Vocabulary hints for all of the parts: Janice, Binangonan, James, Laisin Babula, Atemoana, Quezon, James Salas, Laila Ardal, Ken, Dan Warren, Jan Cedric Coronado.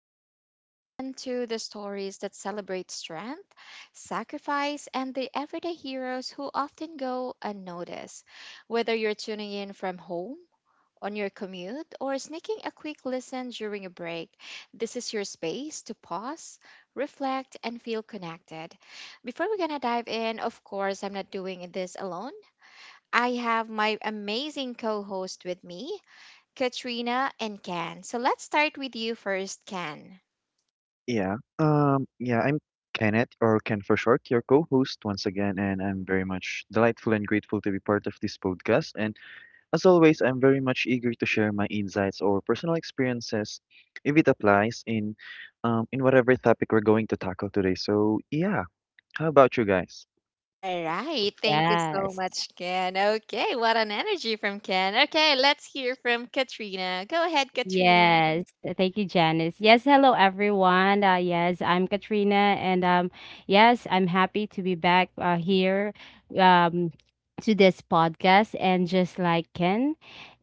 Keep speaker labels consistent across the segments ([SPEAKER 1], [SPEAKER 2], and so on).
[SPEAKER 1] we're going to dive into the stories that celebrate strength, sacrifice, and the everyday heroes who often go unnoticed. Whether you're tuning in from home, on your commute, or sneaking a quick listen during a break, this is your space to pause, reflect, and feel connected. Before we're going to dive in, of course, I'm not doing this alone. I have my amazing co host with me. Katrina and Ken. So let's start with you first, Ken.
[SPEAKER 2] Yeah. Yeah, I'm Kenneth, or Ken for short, your co-host once again, and I'm very much delightful and grateful to be part of this podcast. And as always, I'm very much eager to share my insights or personal experiences, if it applies in whatever topic we're going to tackle today. So yeah, how about you guys?
[SPEAKER 1] All right. Thank you so
[SPEAKER 3] Yes.
[SPEAKER 1] much, Ken. Okay. What an energy from Ken. Okay. Let's hear from Katrina. Go ahead, Katrina.
[SPEAKER 3] Yes. Thank you, Janice. Yes, hello everyone. Yes, I'm Katrina, and yes, I'm happy to be back here um to this podcast, and just like Ken.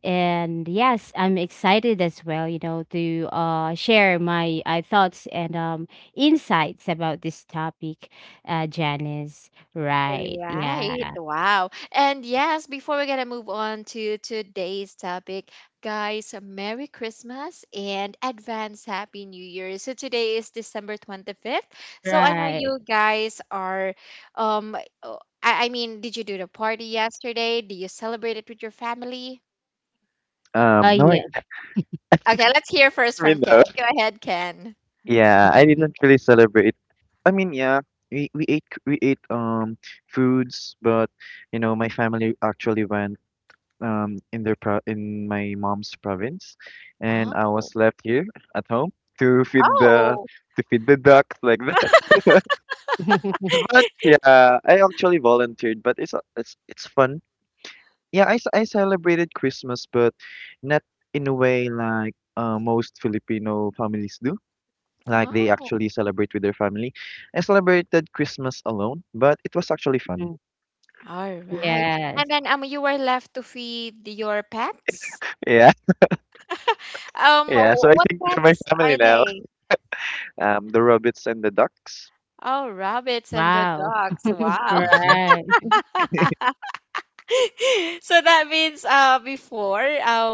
[SPEAKER 3] And yes, I'm excited as well, you know, to share my thoughts and insights about this topic, Janice.
[SPEAKER 1] All
[SPEAKER 3] Right.
[SPEAKER 1] right.
[SPEAKER 3] Yeah.
[SPEAKER 1] Wow. And yes, before we're gonna move on to today's topic, guys, Merry Christmas and advance Happy New Year. So today is December 25th. So I know
[SPEAKER 3] Right.
[SPEAKER 1] you guys are um oh, I mean, did you do the party yesterday? Do you celebrate it with your family?
[SPEAKER 3] Oh
[SPEAKER 2] No,
[SPEAKER 3] yeah.
[SPEAKER 2] I.
[SPEAKER 1] Okay, let's hear first
[SPEAKER 2] Me
[SPEAKER 1] from Ken.
[SPEAKER 2] though.
[SPEAKER 1] Go ahead, Ken.
[SPEAKER 2] Yeah, I didn't really celebrate. I mean, yeah, we ate foods, but my family actually went, in my mom's province, and
[SPEAKER 1] Oh.
[SPEAKER 2] I was left here at home to feed the
[SPEAKER 1] Oh.
[SPEAKER 2] to feed the ducks like that. But yeah, I actually volunteered, but it's a- it's it's fun. Yeah, I celebrated Christmas, but not in a way like most Filipino families do. Like they
[SPEAKER 1] Oh.
[SPEAKER 2] actually celebrate with their family. I celebrated Christmas alone, but it was actually fun.
[SPEAKER 1] All right. And
[SPEAKER 3] Yes.
[SPEAKER 1] then you were left to feed your pets?
[SPEAKER 2] Yeah. Yeah. So
[SPEAKER 1] Wh-
[SPEAKER 2] I
[SPEAKER 1] what
[SPEAKER 2] think they're my
[SPEAKER 1] pets
[SPEAKER 2] family
[SPEAKER 1] are
[SPEAKER 2] now.
[SPEAKER 1] they?
[SPEAKER 2] The rabbits and the ducks.
[SPEAKER 1] Oh, rabbits and the
[SPEAKER 3] Wow.
[SPEAKER 1] dogs. Wow.
[SPEAKER 3] Right.
[SPEAKER 1] So that means before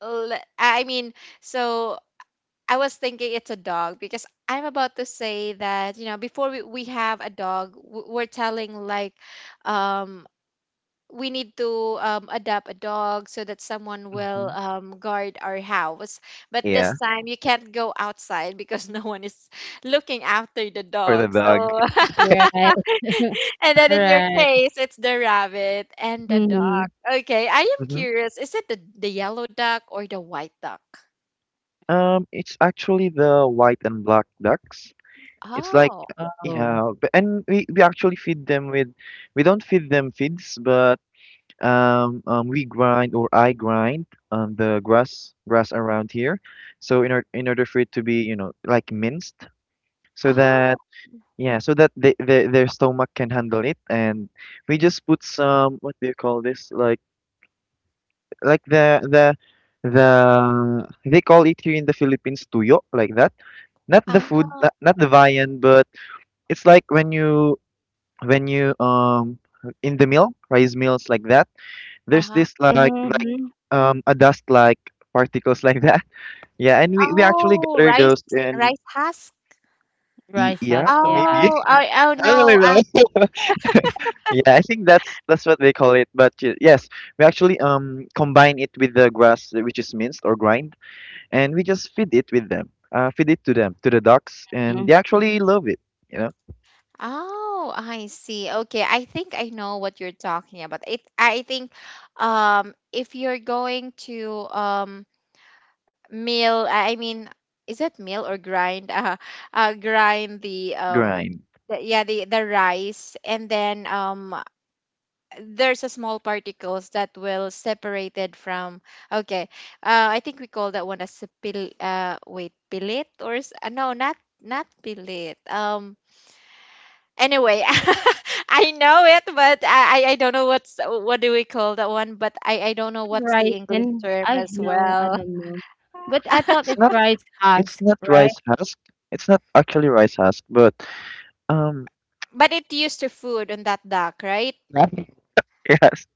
[SPEAKER 1] le- I mean so I was thinking it's a dog because I'm about to say that, you know, before we have a dog, we're telling like, um we need to adopt a dog so that someone will
[SPEAKER 2] Mm-hmm.
[SPEAKER 1] guard our house. But
[SPEAKER 2] Yeah,
[SPEAKER 1] this time you can't go outside because no one is looking after the
[SPEAKER 2] for the
[SPEAKER 1] dog.
[SPEAKER 2] dog.
[SPEAKER 1] So,
[SPEAKER 3] You're right.
[SPEAKER 1] and then in your
[SPEAKER 3] Right.
[SPEAKER 1] case, it's the rabbit and the duck.
[SPEAKER 3] Mhm.
[SPEAKER 1] Okay, I am
[SPEAKER 2] Mhm.
[SPEAKER 1] curious. Is it the yellow duck or the white duck?
[SPEAKER 2] It's actually the white and black ducks. It's like,
[SPEAKER 1] Oh,
[SPEAKER 3] Oh.
[SPEAKER 2] yeah, but, and we actually feed them with, we don't feed them feeds, but we grind, or I grind, the grass around here. So in order for it to be, you know, like, minced, so
[SPEAKER 1] oh,
[SPEAKER 2] that, yeah, so that their stomach can handle it, and we just put some, what do you call this? Like, like the the they call it here in the Philippines tuyo, like that. Not the
[SPEAKER 1] ah,
[SPEAKER 2] food, not the viand, but it's like when you in the mill, rice mills like that.
[SPEAKER 1] uh
[SPEAKER 2] There's
[SPEAKER 1] huh.
[SPEAKER 2] this
[SPEAKER 3] Mhm.
[SPEAKER 2] a dust, like particles, like that. Yeah, and we actually
[SPEAKER 1] Oh,
[SPEAKER 2] gather
[SPEAKER 1] rice,
[SPEAKER 2] those. And
[SPEAKER 1] rice husk.
[SPEAKER 3] Rice
[SPEAKER 2] yeah,
[SPEAKER 3] has, yeah, I
[SPEAKER 2] maybe.
[SPEAKER 1] Oh,
[SPEAKER 3] think.
[SPEAKER 1] I, oh
[SPEAKER 2] I don't really
[SPEAKER 1] no.
[SPEAKER 2] know. Yeah, I think that's what they call it. But yes, we actually combine it with the grass, which is minced or grind, and we just feed it with them, feed it to them, to the ducks, and
[SPEAKER 3] Mm.
[SPEAKER 2] they actually love it. You know.
[SPEAKER 1] Oh, I see. Okay, I think I know what you're talking about. It, I think, if you're going to mill, I mean, is it mill or grind? Grind
[SPEAKER 2] Grind.
[SPEAKER 1] the, yeah, the rice, and then there's a small particles that will separated from. Okay, I think we call that one as a pil. Wait, pilit or no, not pilit. Anyway, I know it, but I don't know what's what do we call that one, but I don't know what's the English
[SPEAKER 3] Ricin?
[SPEAKER 1] term
[SPEAKER 3] I
[SPEAKER 1] as
[SPEAKER 3] know, I
[SPEAKER 1] well.
[SPEAKER 3] don't know. But I thought
[SPEAKER 2] It's
[SPEAKER 3] it's
[SPEAKER 2] not.
[SPEAKER 3] rice
[SPEAKER 2] It's
[SPEAKER 3] husk,
[SPEAKER 2] not rice
[SPEAKER 3] right?
[SPEAKER 2] husk. It's not actually rice husk, but um,
[SPEAKER 1] But it used to food on that duck, right?
[SPEAKER 2] yes,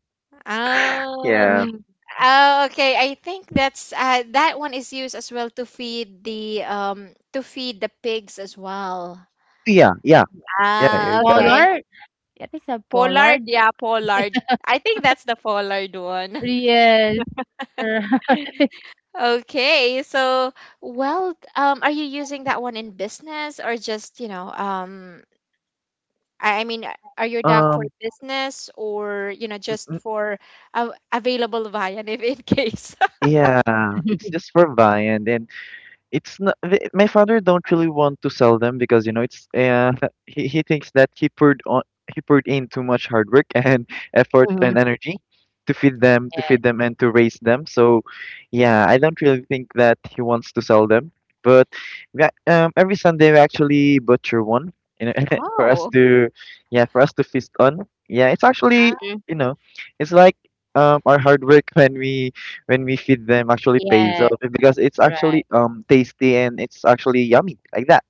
[SPEAKER 1] Oh,
[SPEAKER 2] yeah,
[SPEAKER 3] Mm.
[SPEAKER 1] oh, okay. I think that's that one is used as well to feed the pigs as well.
[SPEAKER 2] yeah, yeah, yeah.
[SPEAKER 1] Ah,
[SPEAKER 2] You got it.
[SPEAKER 1] okay.
[SPEAKER 3] Pollard? I think so,
[SPEAKER 1] Pollard,
[SPEAKER 3] Pollard?
[SPEAKER 1] yeah, pollard. I think that's the pollard one.
[SPEAKER 3] Yes.
[SPEAKER 1] Okay, so well, are you using that one in business or just, you know, I mean, are your doc for
[SPEAKER 2] Um,
[SPEAKER 1] business or, you know,
[SPEAKER 2] mm,
[SPEAKER 1] just
[SPEAKER 2] mm,
[SPEAKER 1] for available via if in case?
[SPEAKER 2] yeah, it's just for Viand, and it's not my father don't really want to sell them, because you know it's he thinks that he poured in too much hard work and effort
[SPEAKER 3] Mhm.
[SPEAKER 2] and energy to feed them to feed
[SPEAKER 3] Yes.
[SPEAKER 2] them and to raise them. So yeah, I don't really think that he wants to sell them, but every Sunday we actually butcher one, you know, for us
[SPEAKER 1] Oh,
[SPEAKER 2] to yeah for us to feast on. Yeah, it's actually,
[SPEAKER 1] ah,
[SPEAKER 3] Mm.
[SPEAKER 2] you know, it's like, our hard work, when we feed them, actually pays
[SPEAKER 3] Yes.
[SPEAKER 2] off because it's actually
[SPEAKER 3] Right.
[SPEAKER 2] tasty, and it's actually yummy like that.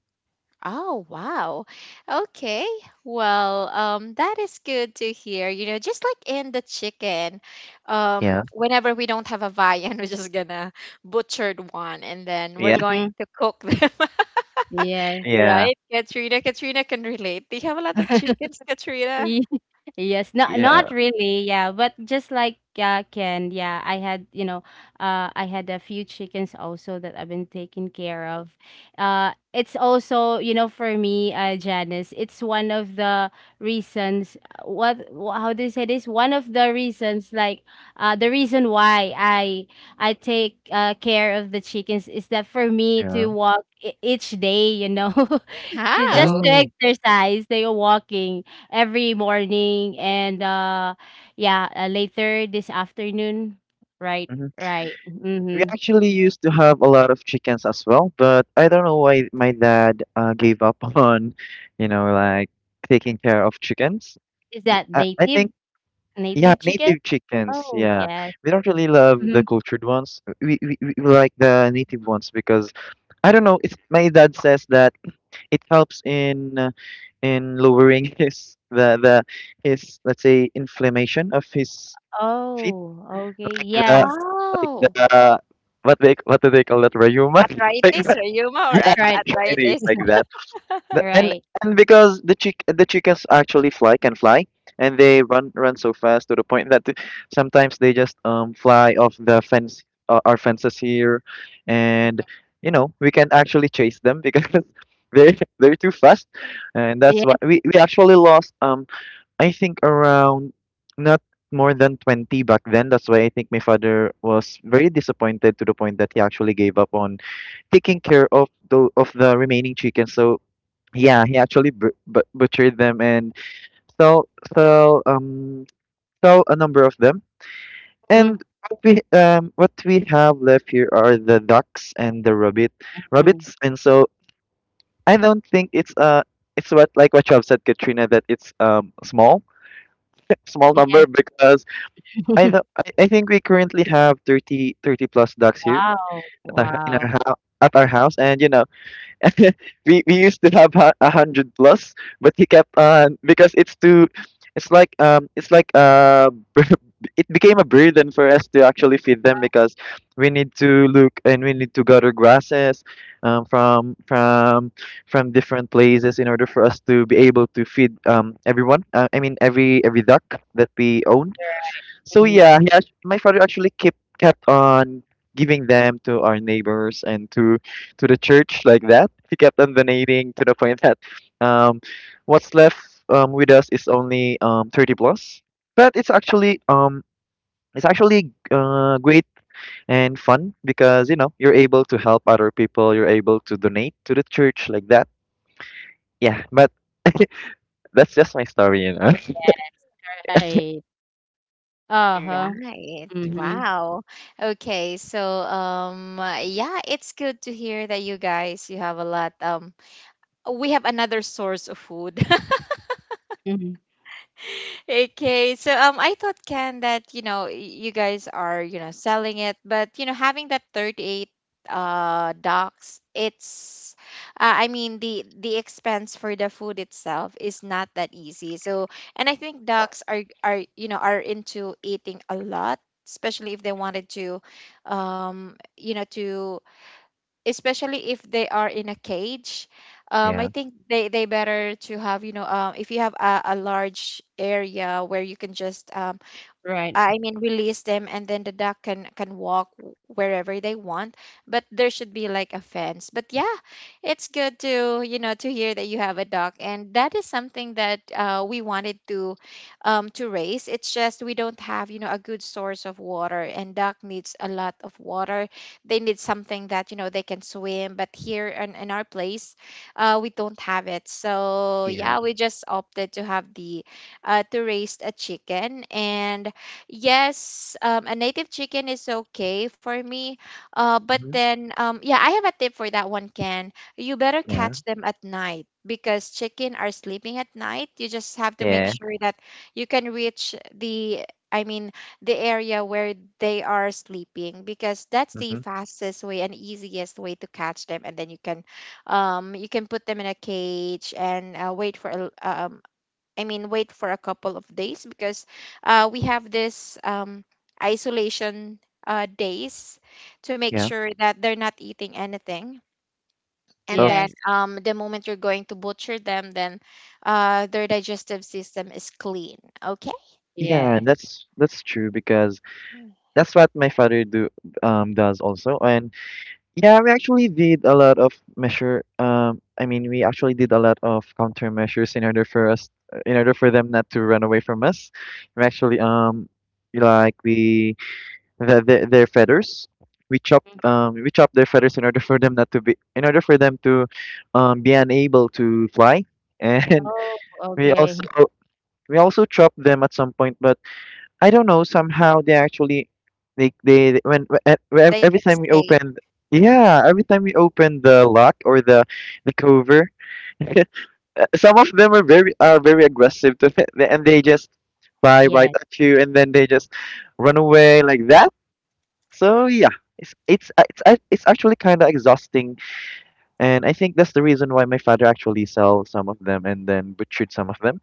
[SPEAKER 1] oh, wow. Okay. Well, that is good to hear. You know, just like in the chicken,
[SPEAKER 2] Yeah.
[SPEAKER 1] whenever we don't have a viand, we're just gonna butchered one and then we're
[SPEAKER 2] Yeah.
[SPEAKER 1] going
[SPEAKER 3] Mhm.
[SPEAKER 1] to cook them.
[SPEAKER 3] Yes.
[SPEAKER 2] Yeah.
[SPEAKER 1] Right, Katrina. Katrina can relate. Do you have a lot of chickens, Katrina?
[SPEAKER 3] Yes. Yes, not
[SPEAKER 2] Yeah.
[SPEAKER 3] not really, yeah, but just like Ken, yeah, I had I had a few chickens also that I've been taking care of. It's also you know for me, Janice, it's one of the reasons. What how do you say this? One of the reasons, like the reason why I take care of the chickens is that for me to
[SPEAKER 2] Yeah.
[SPEAKER 3] walk each day, you know, just
[SPEAKER 1] How?
[SPEAKER 3] to
[SPEAKER 2] Oh.
[SPEAKER 3] exercise. They are walking every morning, and yeah, later this afternoon. Right.
[SPEAKER 2] Mhm.
[SPEAKER 3] Right.
[SPEAKER 2] We
[SPEAKER 3] Mm-hmm.
[SPEAKER 2] actually used to have a lot of chickens as well, but I don't know why my dad gave up on, you know, like, taking care of chickens.
[SPEAKER 3] Is that
[SPEAKER 2] I
[SPEAKER 3] native
[SPEAKER 2] think. Yeah,
[SPEAKER 3] native chicken?
[SPEAKER 2] native chickens.
[SPEAKER 3] Oh
[SPEAKER 2] Yeah,
[SPEAKER 3] yes.
[SPEAKER 2] we don't really love the
[SPEAKER 3] Mm-hmm.
[SPEAKER 2] cultured ones. We like the native ones because I don't know. It's my dad says that it helps in, in lowering his the his, let's say, inflammation of his feet,
[SPEAKER 3] Oh, okay,
[SPEAKER 2] like the,
[SPEAKER 3] yes.
[SPEAKER 2] like
[SPEAKER 1] Oh,
[SPEAKER 2] the what they what do they call that, rheuma, like
[SPEAKER 1] arthritis,
[SPEAKER 2] that.
[SPEAKER 1] rheuma,
[SPEAKER 3] I
[SPEAKER 2] Yeah,
[SPEAKER 3] tried
[SPEAKER 2] okay,
[SPEAKER 3] this.
[SPEAKER 2] it is
[SPEAKER 1] arthritis?
[SPEAKER 2] like that. The-
[SPEAKER 3] Right.
[SPEAKER 2] and Because the chickens actually fly can fly, and they run so fast to the point that sometimes they just fly off the fence, our fences here. And you know we can actually chase them, because they're too fast. And that's why
[SPEAKER 3] Yeah.
[SPEAKER 2] we actually lost, I think around, not more than 20 back then. That's why I think my father was very disappointed to the point that he actually gave up on taking care of the remaining chickens. So yeah, he actually butchered them, and sell sell um sell a number of them. And what we have left here are the ducks and the
[SPEAKER 3] Mm-hmm.
[SPEAKER 2] rabbits. And so I don't think it's, what, like what you have said, Katrina, that it's small, small
[SPEAKER 3] Yes.
[SPEAKER 2] number, because I don't, I think we currently have 30 plus ducks here
[SPEAKER 3] Wow.
[SPEAKER 2] at in our
[SPEAKER 3] Wow.
[SPEAKER 2] house. At our house. And you know, we used to have 100 plus, but he kept on, because it's too, it's like, it's like, it became a burden for us to actually feed them, because we need to look and we need to gather grasses, from different places in order for us to be able to feed, everyone. I mean, every duck that we own. So
[SPEAKER 3] Mhm.
[SPEAKER 2] yeah, my father actually kept on giving them to our neighbors and to the church like that. He kept on donating to the point that, um, what's left, with us is only, 30 plus. But it's actually, it's actually, great and fun because you know you're able to help other people. You're able to donate to the church like that. Yeah, but that's just my story, you know.
[SPEAKER 3] Right. Uh
[SPEAKER 1] All
[SPEAKER 3] huh.
[SPEAKER 1] right.
[SPEAKER 3] Mm-hmm.
[SPEAKER 1] Wow. Okay. So, yeah, it's good to hear that you guys you have a lot. We have another source of food.
[SPEAKER 3] Mm-hmm.
[SPEAKER 1] Okay, so I thought, Ken, that you know you guys are, you know, selling it, but you know having that 38 docs, it's the expense for the food itself is not that easy. So and I think docs are, you know, are into eating a lot, especially if they wanted to, you know to especially if they are in a cage. I
[SPEAKER 2] Yeah.
[SPEAKER 1] think they better to have, you know, if you have a large area where you can just
[SPEAKER 3] Right.
[SPEAKER 1] I mean, release them, and then the duck can walk wherever they want. But there should be like a fence. But yeah, it's good to, you know, to hear that you have a dog, and that is something that we wanted to raise. It's just we don't have, you know, a good source of water, and duck needs a lot of water. They need something that, you know, they can swim. But here in our place, we don't have it. So yeah,
[SPEAKER 2] Yeah.
[SPEAKER 1] we just opted to have the to raise a chicken and Yes, a native chicken is okay for me. But
[SPEAKER 2] Hmm.
[SPEAKER 1] then, yeah, I have a tip for that one, Ken. You better
[SPEAKER 2] Yeah.
[SPEAKER 1] catch them at night because chicken are sleeping at night. You just have to make
[SPEAKER 2] Yeah.
[SPEAKER 1] sure that you can reach the, I mean, the area where they are sleeping because that's the
[SPEAKER 2] Hmm.
[SPEAKER 1] fastest way and easiest way to catch them. And then you can put them in a cage and wait for a, I mean, wait for a couple of days because we have this isolation days to make
[SPEAKER 2] Yeah.
[SPEAKER 1] sure that they're not eating anything. And
[SPEAKER 2] Oh.
[SPEAKER 1] then
[SPEAKER 3] Yes.
[SPEAKER 1] the moment you're going to butcher them, then their digestive system is clean. Okay,
[SPEAKER 2] Yeah,
[SPEAKER 3] Yes.
[SPEAKER 2] that's true because that's what my father do does also. And yeah, we actually did a lot of measure I mean, we actually did a lot of countermeasures in order for us, in order for them not to run away from us. We actually like we the, Their feathers.
[SPEAKER 3] Mhm.
[SPEAKER 2] We chopped their feathers in order for them not to be in order for them to be unable to fly. And
[SPEAKER 3] Oh,
[SPEAKER 2] we
[SPEAKER 3] okay.
[SPEAKER 2] also we also chopped them at some point, but I don't know. Somehow they actually, like, they when- e- when-
[SPEAKER 1] they can
[SPEAKER 2] every time we
[SPEAKER 1] stay.
[SPEAKER 2] open, yeah, every time we open the lock or the cover, some of them are very aggressive to it, and they just fly right
[SPEAKER 3] Yes.
[SPEAKER 2] at you, and then they just run away like that. So yeah, it's actually kind of exhausting, and I think that's the reason why my father actually sell some of them and then butchered some of them.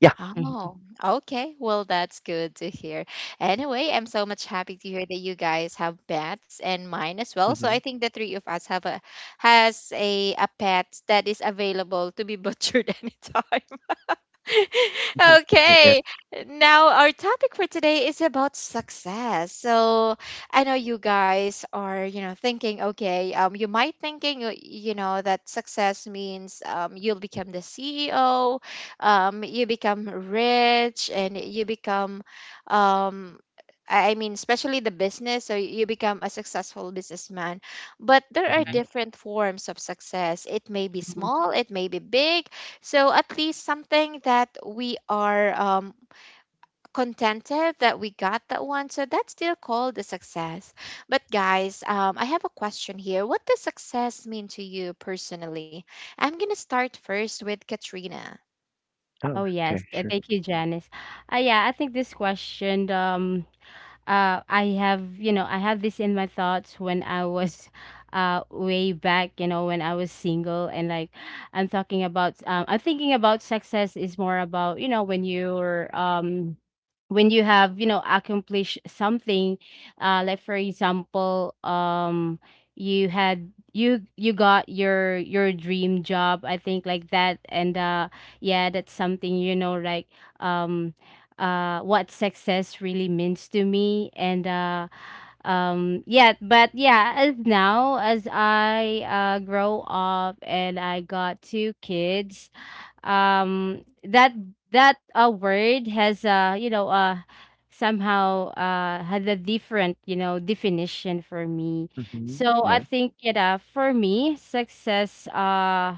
[SPEAKER 2] Yeah.
[SPEAKER 1] Oh, okay. Well, that's good to hear. Anyway, I'm so much happy to hear that you guys have pets and mine as well. So I
[SPEAKER 2] Mm-hmm.
[SPEAKER 1] think the three of us have a has a pet that is available to be butchered anytime.
[SPEAKER 2] Yeah.
[SPEAKER 1] Okay, now our topic for today is about success. So I know you guys are, you know, thinking, okay, you might thinking, you know, that success means you'll become the CEO, you become rich, and you become, um, I mean, especially the business, so you become a successful businessman. But there are
[SPEAKER 2] Hmm.
[SPEAKER 1] different forms of success. It may be
[SPEAKER 3] Mm-hmm.
[SPEAKER 1] small, it may be big, so at least something that we are contented that we got that one. So that's still called a success. But guys, I have a question here. What does success mean to you personally? I'm gonna start first with Katrina.
[SPEAKER 2] Oh,
[SPEAKER 3] Oh yes.
[SPEAKER 2] okay, sure.
[SPEAKER 3] Thank you, Janice. Yeah, I think this question I have, you know, I have this in my thoughts when I was way back, you know, when I was single. And like, I'm talking about, I'm thinking about success is more about, you know, when you're, when you have, you know, accomplished something, like for example, you had you got your dream job, I think like that. And yeah, that's something, you know, like um what success really means to me. And yeah, but yeah, as now as I grow up and I got two kids, that word has you know somehow had a different, you know, definition for me.
[SPEAKER 2] Mm-hmm.
[SPEAKER 3] So I
[SPEAKER 2] Yeah.
[SPEAKER 3] think, you know, for me success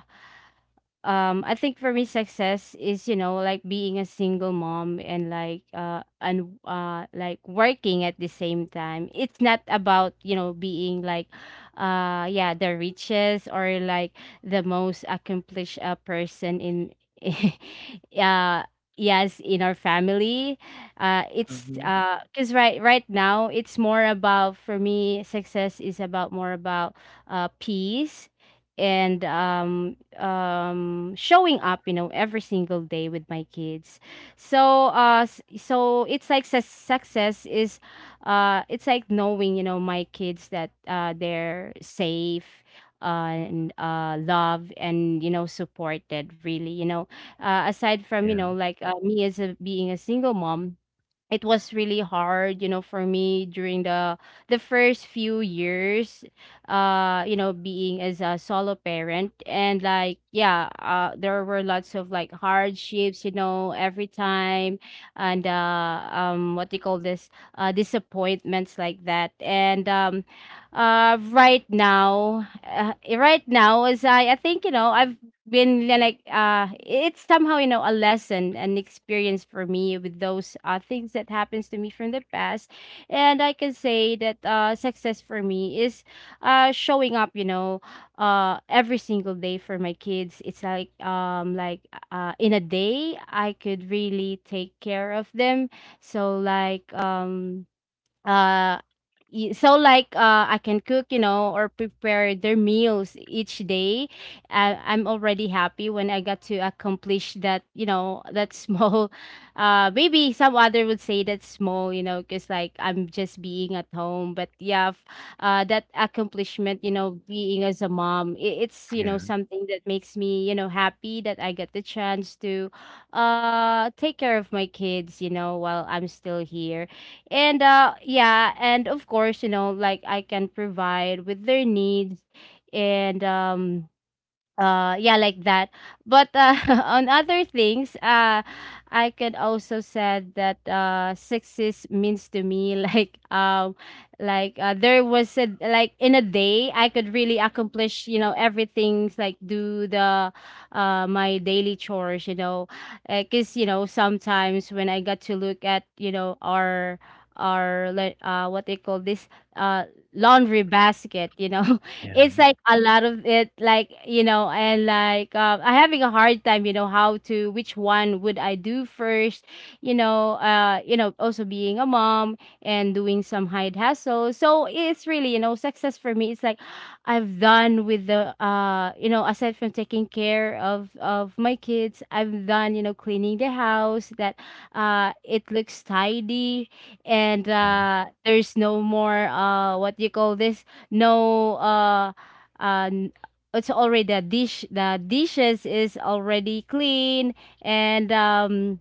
[SPEAKER 3] I think for me success is, you know, like being a single mom, and like working at the same time. It's not about, you know, being like yeah, the richest, or like the most accomplished person in uh yes, in our family. It's
[SPEAKER 2] Mhm.
[SPEAKER 3] because right now it's more about, for me success is about more about peace, and um showing up, you know, every single day with my kids. So so it's like success is it's like knowing, you know, my kids that they're safe, and loved, and you know supported really, you know, aside from you
[SPEAKER 2] Ja.
[SPEAKER 3] know like me as a being a single mom. It was really hard, you know, for me during the first few years, you know, being as a solo parent. And like yeah, there were lots of like hardships, you know, every time. And what do you call this, disappointments like that. And right now, right now, as I think, you know, I've been like it's somehow, you know, a lesson, an experience for me with those things that happens to me from the past. And I can say that success for me is showing up, you know, every single day for my kids. It's like in a day I could really take care of them. So like uh so like I can cook, you know, or prepare their meals each day. I'm already happy when I got to accomplish that, you know, that small. Maybe some other would say that's small, you know, because like I'm just being at home. But yeah, that accomplishment, you know, being as a mom, it's you know
[SPEAKER 2] Yeah.
[SPEAKER 3] something that makes me, you know, happy that I get the chance to take care of my kids, you know, while I'm still here. And yeah, and of course, you know, like I can provide with their needs. And yeah, like that. But on other things, I could also said that success means to me like there was a like in a day I could really accomplish, you know, everything, like do the my daily chores, you know, because you know sometimes when I got to look at, you know, our like what they call this, uh laundry basket, you know.
[SPEAKER 2] Yeah.
[SPEAKER 3] It's like a lot of it, like, you know, and like I'm having a hard time, you know, how to which one would I do first, you know, you know, also being a mom and doing some hide hustle. So it's really, you know, success for me, it's like I've done with the you know, aside from taking care of my kids, I've done, you know, cleaning the house, that it looks tidy. And
[SPEAKER 2] Yeah.
[SPEAKER 3] there's no more what do you call this, no n- it's already the dish the dishes is already clean. And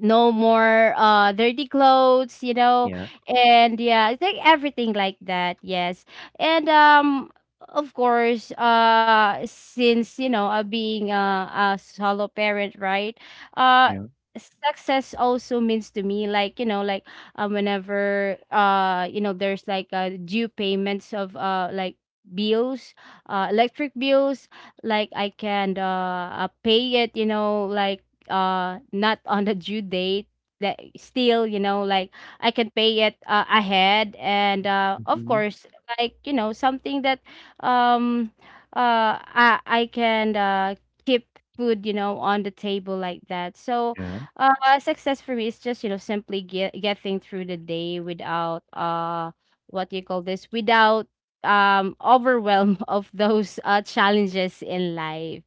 [SPEAKER 3] no more dirty clothes, you know.
[SPEAKER 2] Yeah,
[SPEAKER 3] And yeah, it's like everything like that. Yes. And of course, since you know being a solo parent, right, uh
[SPEAKER 2] yeah,
[SPEAKER 3] success also means to me, like, you know, like whenever you know there's like due payments of like bills, electric bills, like I can pay it, you know, like not on the due date. That still, you know, like I can pay it ahead. And of
[SPEAKER 2] mhm,
[SPEAKER 3] course, like, you know, something that um I can keep food, you know, on the table, like that. So
[SPEAKER 2] yeah,
[SPEAKER 3] success for me is just, you know, simply getting through the day without what you call this, without overwhelm of those challenges in life.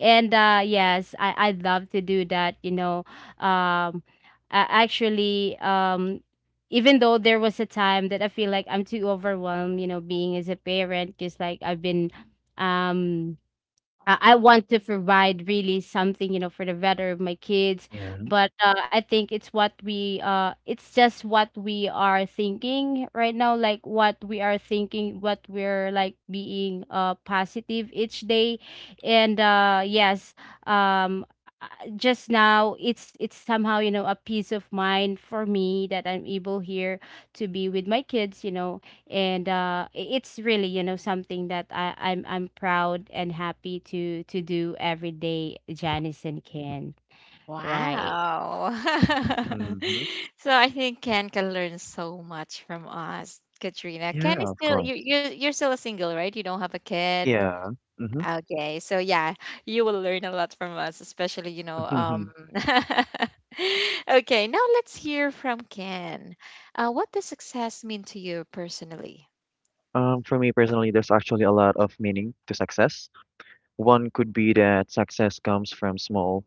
[SPEAKER 3] And yes, I love to do that, you know. um Actually, even though there was a time that I feel like I'm too overwhelmed, you know, being as a parent, because like I've been um I want to provide really something, you know, for the better of my kids.
[SPEAKER 2] yeah,
[SPEAKER 3] But I think it's just what we are thinking right now, like what we are thinking, what we're like being positive each day. And yes, um, uh, just now it's somehow, you know, a peace of mind for me that I'm able here to be with my kids, you know. And it's really, you know, something that I'm proud and happy to do every day, Janice and Ken. Right?
[SPEAKER 1] Wow.
[SPEAKER 2] mhm.
[SPEAKER 1] So I think Ken can learn so much from us, Katrina.
[SPEAKER 2] Yeah,
[SPEAKER 1] Ken is
[SPEAKER 2] of
[SPEAKER 1] still you
[SPEAKER 2] course.
[SPEAKER 1] you're still single, right? You don't have a kid.
[SPEAKER 2] Yeah. Mhm.
[SPEAKER 1] Okay, so yeah, you will learn a lot from us, especially, you know, Okay, now let's hear from Ken. What does success mean to you personally?
[SPEAKER 2] For me personally, there's actually a lot of meaning to success. One could be that success comes from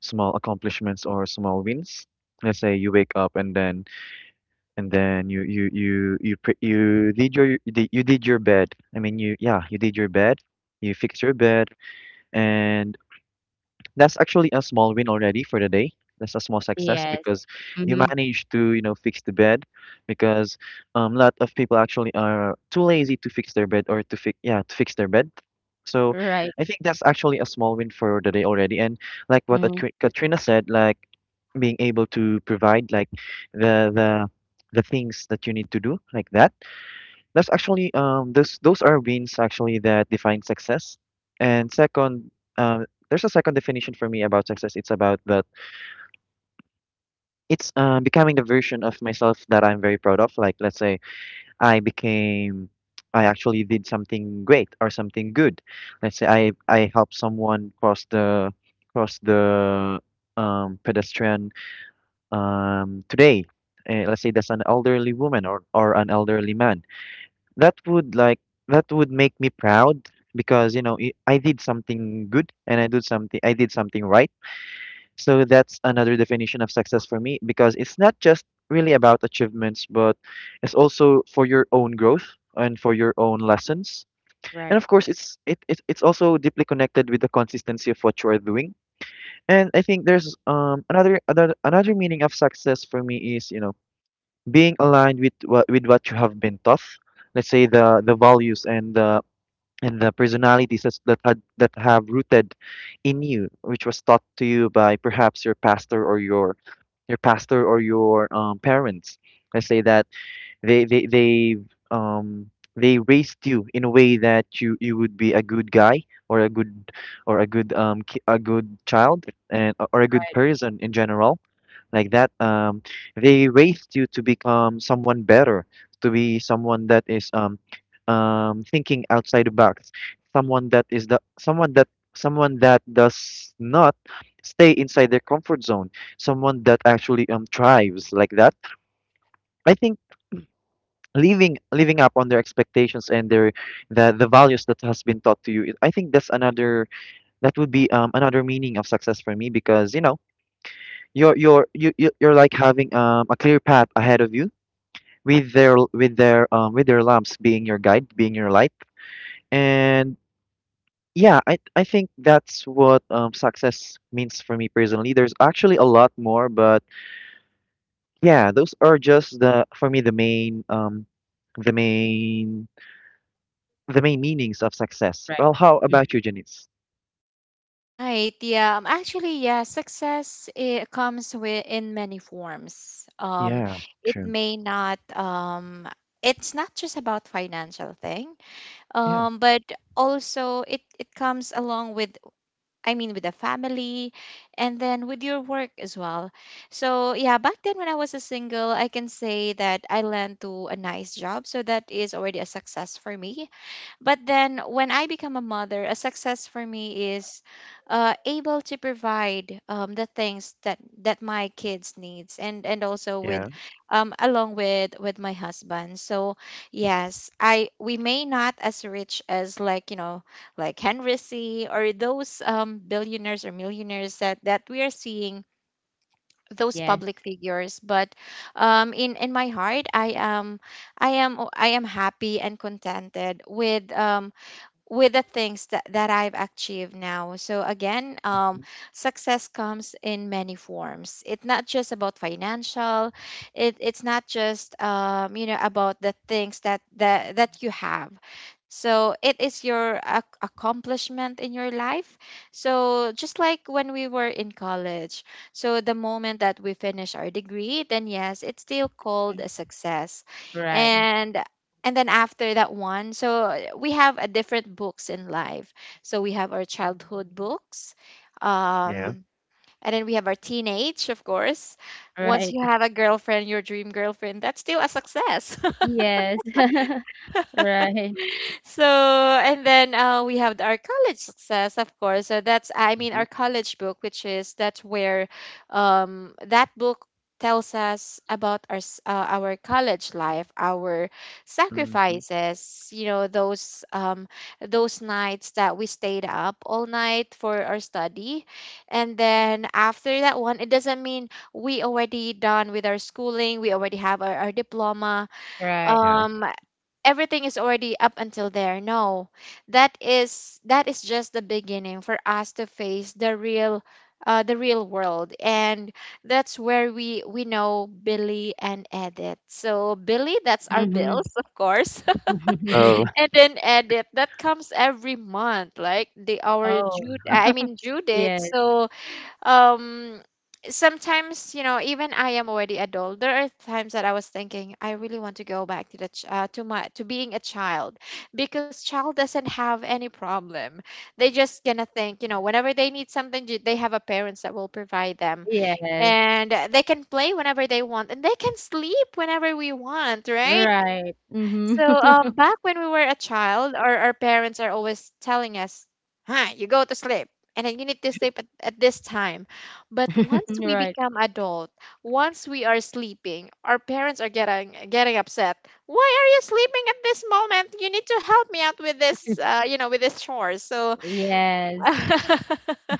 [SPEAKER 2] small accomplishments, or small wins. Let's say you wake up, and then you did your bed. I mean, you, yeah, you did your bed, you fixed your bed, and that's actually a small win already for the day. That's a small success
[SPEAKER 3] Yes.
[SPEAKER 2] because you
[SPEAKER 3] Mm-hmm.
[SPEAKER 2] managed to, you know, fix the bed, because a lot of people actually are too lazy to fix their bed, or to fix their bed. So
[SPEAKER 3] Right.
[SPEAKER 2] I think that's actually a small win for the day already. And, like what
[SPEAKER 3] Mm-hmm.
[SPEAKER 2] Katrina said, like, being able to provide, like, the the the things that you need to do, like that, that's actually, those are wins actually that define success. And second, there's a second definition for me about success. It's about that It's, becoming the version of myself that I'm very proud of. Like, let's say I became, I actually did something great, or something good. Let's say I helped someone cross the pedestrian, today. Let's say that's an elderly woman, or an elderly man. that would like that would make me proud, because you know, I did something good, and I did something right. So that's another definition of success for me, because it's not just really about achievements, but it's also for your own growth and for your own lessons. And
[SPEAKER 3] Right.
[SPEAKER 2] of course, it's it, it it's also deeply connected with the consistency of what you are doing. And I think there's, another meaning of success for me, is, you know, being aligned with what you have been taught. Let's say the values and the personalities that have rooted in you, which was taught to you by perhaps your pastor or your pastor, or your, parents. Let's say that they they they um they raised you in a way that you would be a good guy, or a good, or a good a good child, and or a good
[SPEAKER 3] Right.
[SPEAKER 2] person in general, like that. They raised you to become someone better, to be someone that is thinking outside the box, someone that is the someone that does not stay inside their comfort zone, someone that actually thrives, like that. I think leaving living up on their expectations, and their, the values that has been taught to you, I think that's another, that would be another meaning of success for me, because you know, you're like having a clear path ahead of you, with their lamps being your guide, being your light. And yeah, I think that's what success means for me personally. There's actually a lot more, but yeah, those are just the for me, the main the main meanings of success. Well,
[SPEAKER 3] Right.
[SPEAKER 2] how
[SPEAKER 3] Mhm.
[SPEAKER 2] about you, Janice?
[SPEAKER 1] Right, yeah, actually, yeah, success it comes with in many forms.
[SPEAKER 2] Yeah,
[SPEAKER 1] It
[SPEAKER 2] true.
[SPEAKER 1] may not um it's not just about financial thing,
[SPEAKER 2] Yeah,
[SPEAKER 1] but also it comes along with I mean, with the family and then with your work as well. So, yeah, back then when I was a single, I can say that I land to a nice job. So, that is already a success for me. But then when I become a mother, a success for me is able to provide the things that my kids needs and also with
[SPEAKER 2] yeah.
[SPEAKER 1] along with my husband. So yes, I we may not as rich as like, you know, like Henry C, or those billionaires or millionaires that we are seeing those public
[SPEAKER 3] Yes.
[SPEAKER 1] figures but in my heart I am happy and contented with the things that I've achieved now. So again,
[SPEAKER 2] Mhm.
[SPEAKER 1] success comes in many forms. It's not just about financial. It's not just you know about the things that that you have. So it is your accomplishment in your life. So just like when we were in college, so the moment that we finish our degree, then yes, it's still called
[SPEAKER 3] Mm.
[SPEAKER 1] a success.
[SPEAKER 3] Right.
[SPEAKER 1] And and then after that one, so we have a different books in life, so we have our childhood books,
[SPEAKER 3] Mm.
[SPEAKER 2] Yeah.
[SPEAKER 1] um and then we have our teenage, of course, once
[SPEAKER 3] Right.
[SPEAKER 1] you have a girlfriend, your dream girlfriend, that's still a success.
[SPEAKER 3] Yes. Right.
[SPEAKER 1] So, and then we have our college success, of course. So that's, I mean, our college book, which is that's where that book tells us about our our college life, our
[SPEAKER 2] Hmm hmm.
[SPEAKER 1] sacrifices. You know, those nights that we stayed up all night for our study, and then after that one, it doesn't mean we already done with our schooling. We already have our diploma
[SPEAKER 2] Yeah.
[SPEAKER 3] Right.
[SPEAKER 1] um everything is already up until there. No, that is just the beginning for us to face the real world, and that's where we know Billy and Edith. So Billy, that's our
[SPEAKER 3] Mm-hmm.
[SPEAKER 1] bills, of course,
[SPEAKER 2] Oh.
[SPEAKER 1] and then Edith that comes every month, like the our
[SPEAKER 3] Oh.
[SPEAKER 1] due,
[SPEAKER 2] Hmm
[SPEAKER 1] I mean due date.
[SPEAKER 3] Yes.
[SPEAKER 1] So um sometimes even I am already adult, there are times that I was thinking I really want to go back to to my to being a child because child doesn't have any problem. They just gonna think whenever they need something, they have a parents that will provide them.
[SPEAKER 3] Yes.
[SPEAKER 1] And they can play whenever they want, and they can sleep whenever we want, right?
[SPEAKER 3] Right. Mm-hmm.
[SPEAKER 1] So, back when we were a child, our parents are always telling us, you go to sleep, and then you need to sleep at this time. But once we
[SPEAKER 3] Right.
[SPEAKER 1] become adult, once we are sleeping, our parents are getting upset. Why are you sleeping at this moment? You need to help me out with this, with this chores. So,
[SPEAKER 3] Yes.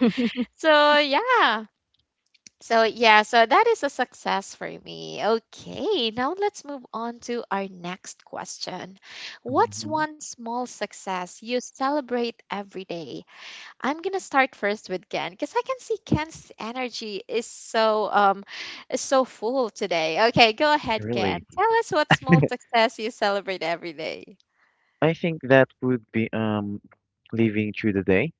[SPEAKER 1] so yeah, so that is a success for me. Okay, now let's move on to our next question. What's
[SPEAKER 2] hmm.
[SPEAKER 1] one small success you celebrate every day? I'm gonna start first with Ken because I can see Ken's energy is so full today. Okay, go ahead, Ken.
[SPEAKER 2] Really.
[SPEAKER 1] Tell us what small success you celebrate every day.
[SPEAKER 2] I think that would be living through the day,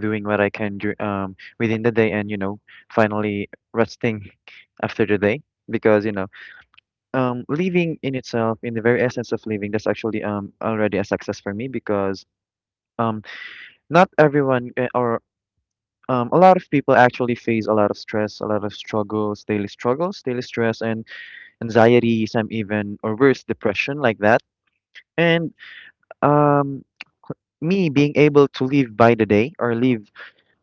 [SPEAKER 2] doing what I can do within the day, and you know, finally resting after the day, because you know, living in itself, in the very essence of living, that's actually already a success for me, because um not everyone or a lot of people actually face a lot of stress, a lot of struggles, daily stress, and anxiety, some even, or worse, depression, like that. And um, me being able to live by the day, or live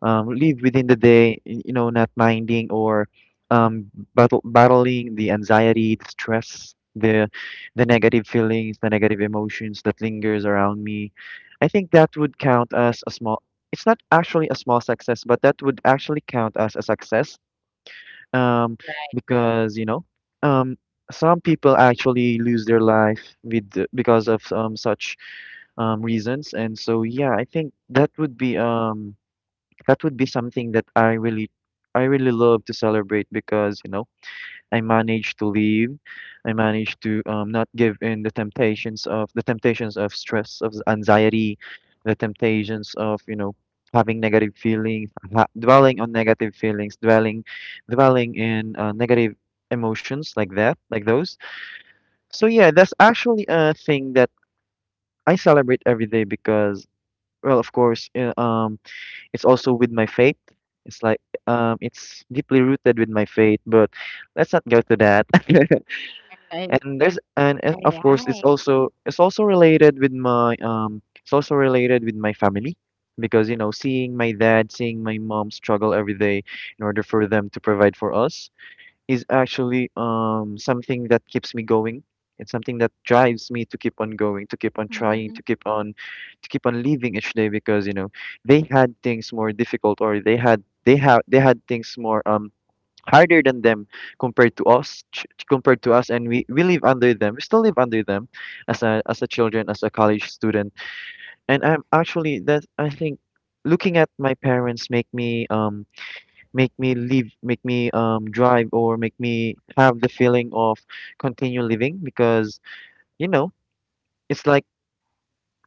[SPEAKER 2] um, live within the day, you know, not minding or um, battling the anxiety, the stress, the negative feelings, the negative emotions that lingers around me. I think that would count as a small. It's not actually a small success, but that would actually count as a success, um,
[SPEAKER 3] Right,
[SPEAKER 2] because you know, um, some people actually lose their life because of such reasons. And so, yeah, I think that would be something that I really love to celebrate because, you know, I managed to leave. I managed to not give in the temptations of stress, of anxiety, the temptations of, you know, having negative feelings, ha
[SPEAKER 3] right.
[SPEAKER 2] dwelling on negative feelings, dwelling in negative emotions, like that, like those. So yeah, that's actually a thing that I celebrate every day because, well, of course, it's also with my faith. It's like, it's deeply rooted with my faith, but let's not go to that.
[SPEAKER 3] I
[SPEAKER 2] and there's and
[SPEAKER 1] All
[SPEAKER 2] Of course
[SPEAKER 1] right.
[SPEAKER 2] it's also related with my family, because you know, seeing my dad, seeing my mom struggle every day in order for them to provide for us, is actually something that keeps me going. It's something that drives me to keep on going, to keep on trying,
[SPEAKER 1] Mm-hmm.
[SPEAKER 2] to keep on living each day, because you know, they had things more harder than them, compared to compared to us. And we live under them, we still live under them, as a children, as a college student. And I'm actually that I think looking at my parents make me live make me drive, or make me have the feeling of continue living, because you know, it's like,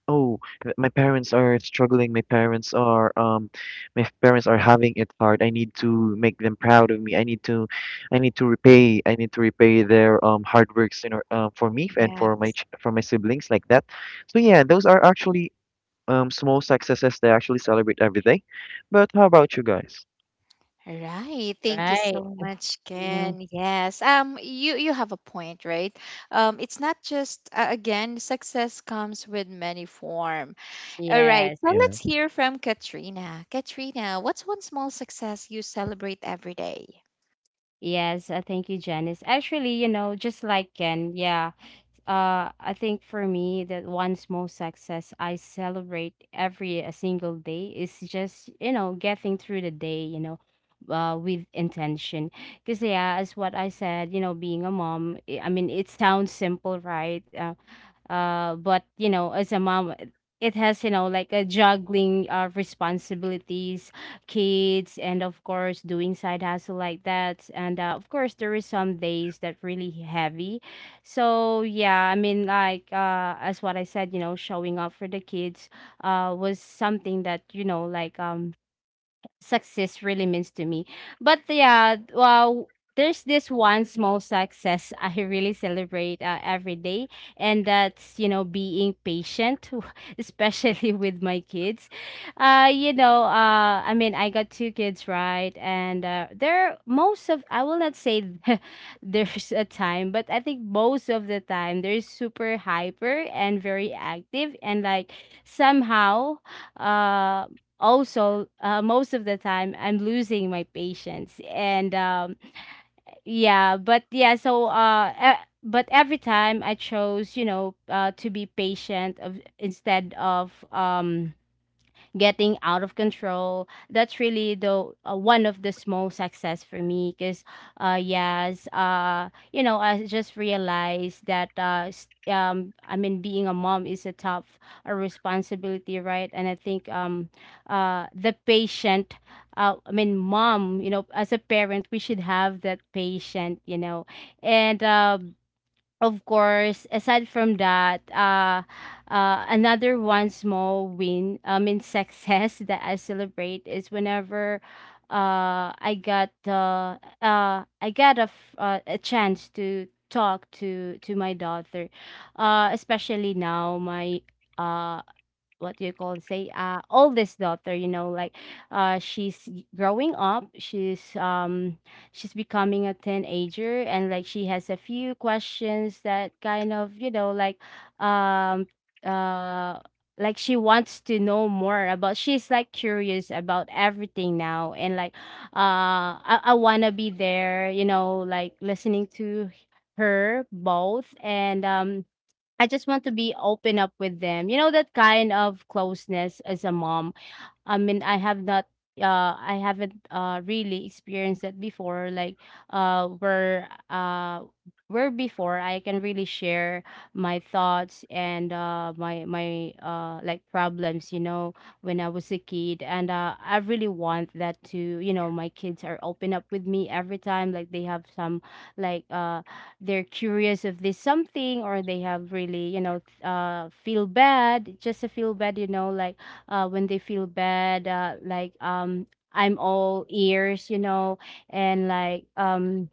[SPEAKER 2] oh, my parents are struggling. My parents are parents are having it hard. I need to make them proud of me. I need to repay. I need to repay their hard works in or for me and
[SPEAKER 1] Yeah.
[SPEAKER 2] for my ch for my siblings, like that. So yeah, those are actually small successes that I actually celebrate every day. But how about you guys?
[SPEAKER 1] Right. Thank you
[SPEAKER 3] Right.
[SPEAKER 1] so much,
[SPEAKER 3] Mhm.
[SPEAKER 1] Ken. Yes. You have a point, right? It's not just again, success comes with many form. All right.
[SPEAKER 3] Yes.
[SPEAKER 1] So
[SPEAKER 2] Yeah,
[SPEAKER 1] let's hear from Katrina. Katrina, what's one small success you celebrate every day?
[SPEAKER 3] Yes. Thank you, Janice. Actually, you know, just like Ken, yeah. I think for me that one small success I celebrate every a single day is just, you know, getting through the day, you know, with intention. Because yeah, as what I said, you know, being a mom, I mean, it sounds simple, right, but you know as a mom it has, you know, like a juggling responsibilities, kids, and of course doing side hustle like that. And of course there is some days that really heavy. So yeah, I mean like as what I said, you know, showing up for the kids was something that, you know, like success really means to me. But yeah, well, there's this one small success I really celebrate every day, and that's, you know, being patient, especially with my kids. You know, I mean, I got two kids, right? And they're most of, I will not say there's a time, but I think most of the time they're super hyper and very active. And like somehow, uh also most of the time I'm losing my patience. And yeah, but yeah, so but every time I chose, you know, to be patient of, instead of getting out of control. That's really the one of the small success for me. Because yes, you know, I just realized that I mean being a mom is a tough a responsibility, right? And I think the patient I mean mom, you know, as a parent we should have that patient, you know. And of course, aside from that, another one small win, I mean, success that I celebrate is whenever uh, I got uh, I got a chance to talk to my daughter, especially now my. Uh, what do you call it, say oldest daughter, you know, like growing up, she's becoming a teenager and like she has a few questions that kind of, you know, um uh like she wants to know more about, she's like curious about everything now and like I wanna be there, you know, like listening to her both and I just want to be open up with them. You know, that kind of closeness as a mom. I mean, I have not, I haven't really experienced it before like where where before I can really share my thoughts and my like problems, you know, when I was a kid, and I really want that to, you know, my kids are open up with me every time like they have some like they're curious of this something or they have really, you know, feel bad, just a feel bad, you know, like when they feel bad, I'm all ears, you know, and like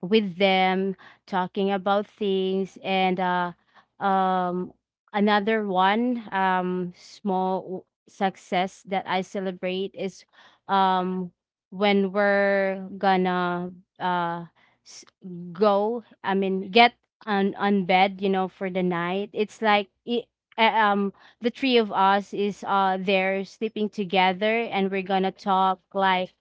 [SPEAKER 3] with them talking about things and um another one success that I celebrate is um when we're gonna uh s- go, I mean get on bed, you know, for the night. It's like um the three of us is there sleeping together, and we're gonna talk like,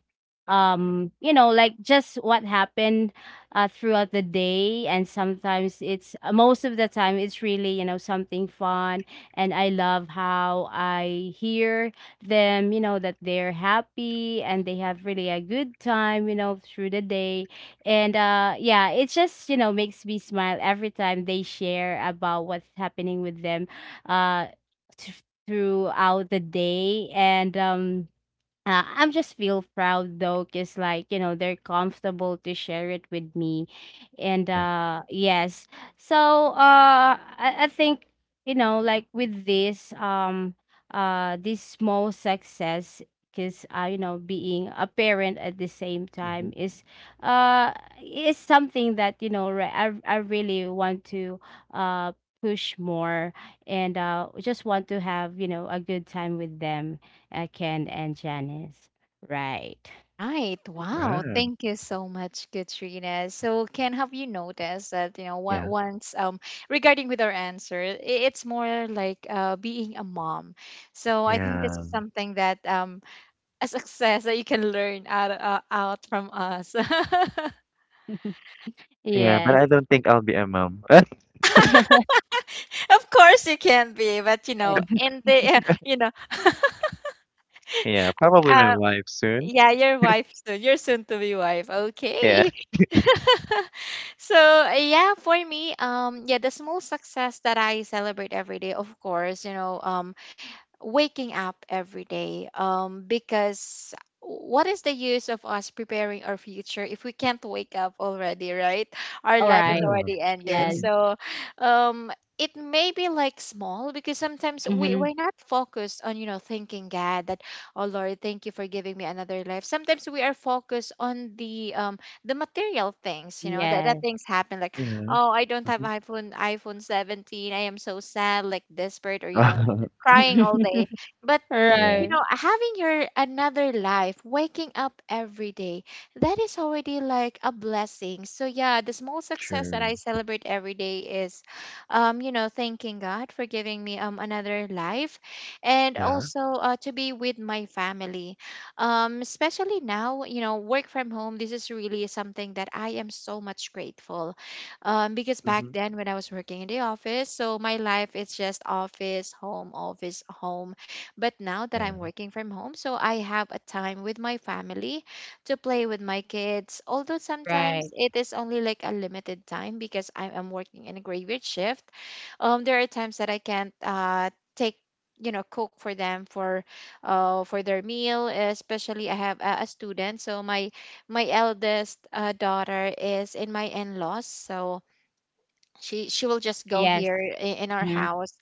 [SPEAKER 3] you know, like just what happened throughout the day, and sometimes it's most of the time it's really, you know, something fun. And I love how I hear them, you know, that they're happy and they have really a good time, you know, through the day. And yeah, it just, you know, makes me smile every time they share about what's happening with them uh throughout the day. And I'm just feel proud though, cause like, you know, they're comfortable to share it with me, and
[SPEAKER 2] yeah.
[SPEAKER 3] uh, yes, so I think, you know, like with this this small success, cause uh, you know, being a parent at the same
[SPEAKER 2] Mm-hmm.
[SPEAKER 3] time uh is something that, you know, I really want to uh push more, and just want to have, you know, a good time with them, Ken and Janice. Right.
[SPEAKER 1] Right.
[SPEAKER 3] Mhm.
[SPEAKER 1] Wow.
[SPEAKER 2] Right.
[SPEAKER 1] Thank you so much, Katrina. So, Ken, have you noticed that,
[SPEAKER 2] Yeah,
[SPEAKER 1] once, regarding with our answer, it's more like being a mom. So I think that's
[SPEAKER 2] yeah,
[SPEAKER 1] something that, a success that you can learn out from us. Of
[SPEAKER 2] yeah, but
[SPEAKER 3] Yes.
[SPEAKER 2] I don't think I'll be a mom.
[SPEAKER 1] course you can be, but, in the uh, you know,
[SPEAKER 2] Yeah. Probably my
[SPEAKER 1] uh,
[SPEAKER 2] wife soon.
[SPEAKER 1] yeah, your wife soon, your soon to be wife.
[SPEAKER 2] Yeah.
[SPEAKER 1] Okay. So yeah, for me, yeah, the small success that I celebrate every day, of course, waking up every day because what is the use of us preparing our future if we can't wake up already, right? Our
[SPEAKER 3] All
[SPEAKER 1] life is
[SPEAKER 3] right.
[SPEAKER 2] Yeah,
[SPEAKER 1] already ended,
[SPEAKER 3] Yes.
[SPEAKER 2] true.
[SPEAKER 1] so um it may be like small because sometimes we,
[SPEAKER 3] Hmm.
[SPEAKER 1] we're not focused on thanking God that, oh Lord, thank you for giving me another life. Sometimes we are focused on the material things, that
[SPEAKER 3] Yes.
[SPEAKER 1] things happen, like,
[SPEAKER 2] Yeah.
[SPEAKER 1] oh, I don't have
[SPEAKER 2] Mhm.
[SPEAKER 1] iPhone 17, I am so sad, like desperate, or, crying all day. But,
[SPEAKER 2] Yeah,
[SPEAKER 3] Right.
[SPEAKER 1] having your another life, waking up every day, that is already like a blessing. So yeah, the small success that
[SPEAKER 2] true.
[SPEAKER 1] I celebrate every day is, thanking God for giving me another life, and
[SPEAKER 2] Yeah.
[SPEAKER 1] also to be with my family, especially now, work from home. This is really something that I am so much grateful, because back
[SPEAKER 2] Mhm.
[SPEAKER 1] then, when I was working in the office, so my life is just office, home, office, home. But now that
[SPEAKER 2] Yeah,
[SPEAKER 1] I'm working from home, so I have a time with my family to play with my kids. Although
[SPEAKER 3] Right.
[SPEAKER 1] sometimes it is only like a limited time because I am working in a graveyard shift. There are times that I can't take you know cook for them, for their meal, especially I have a student, so my eldest daughter is in my in-laws, so she will just go
[SPEAKER 3] Yes.
[SPEAKER 1] here in our
[SPEAKER 3] Hmm.
[SPEAKER 1] house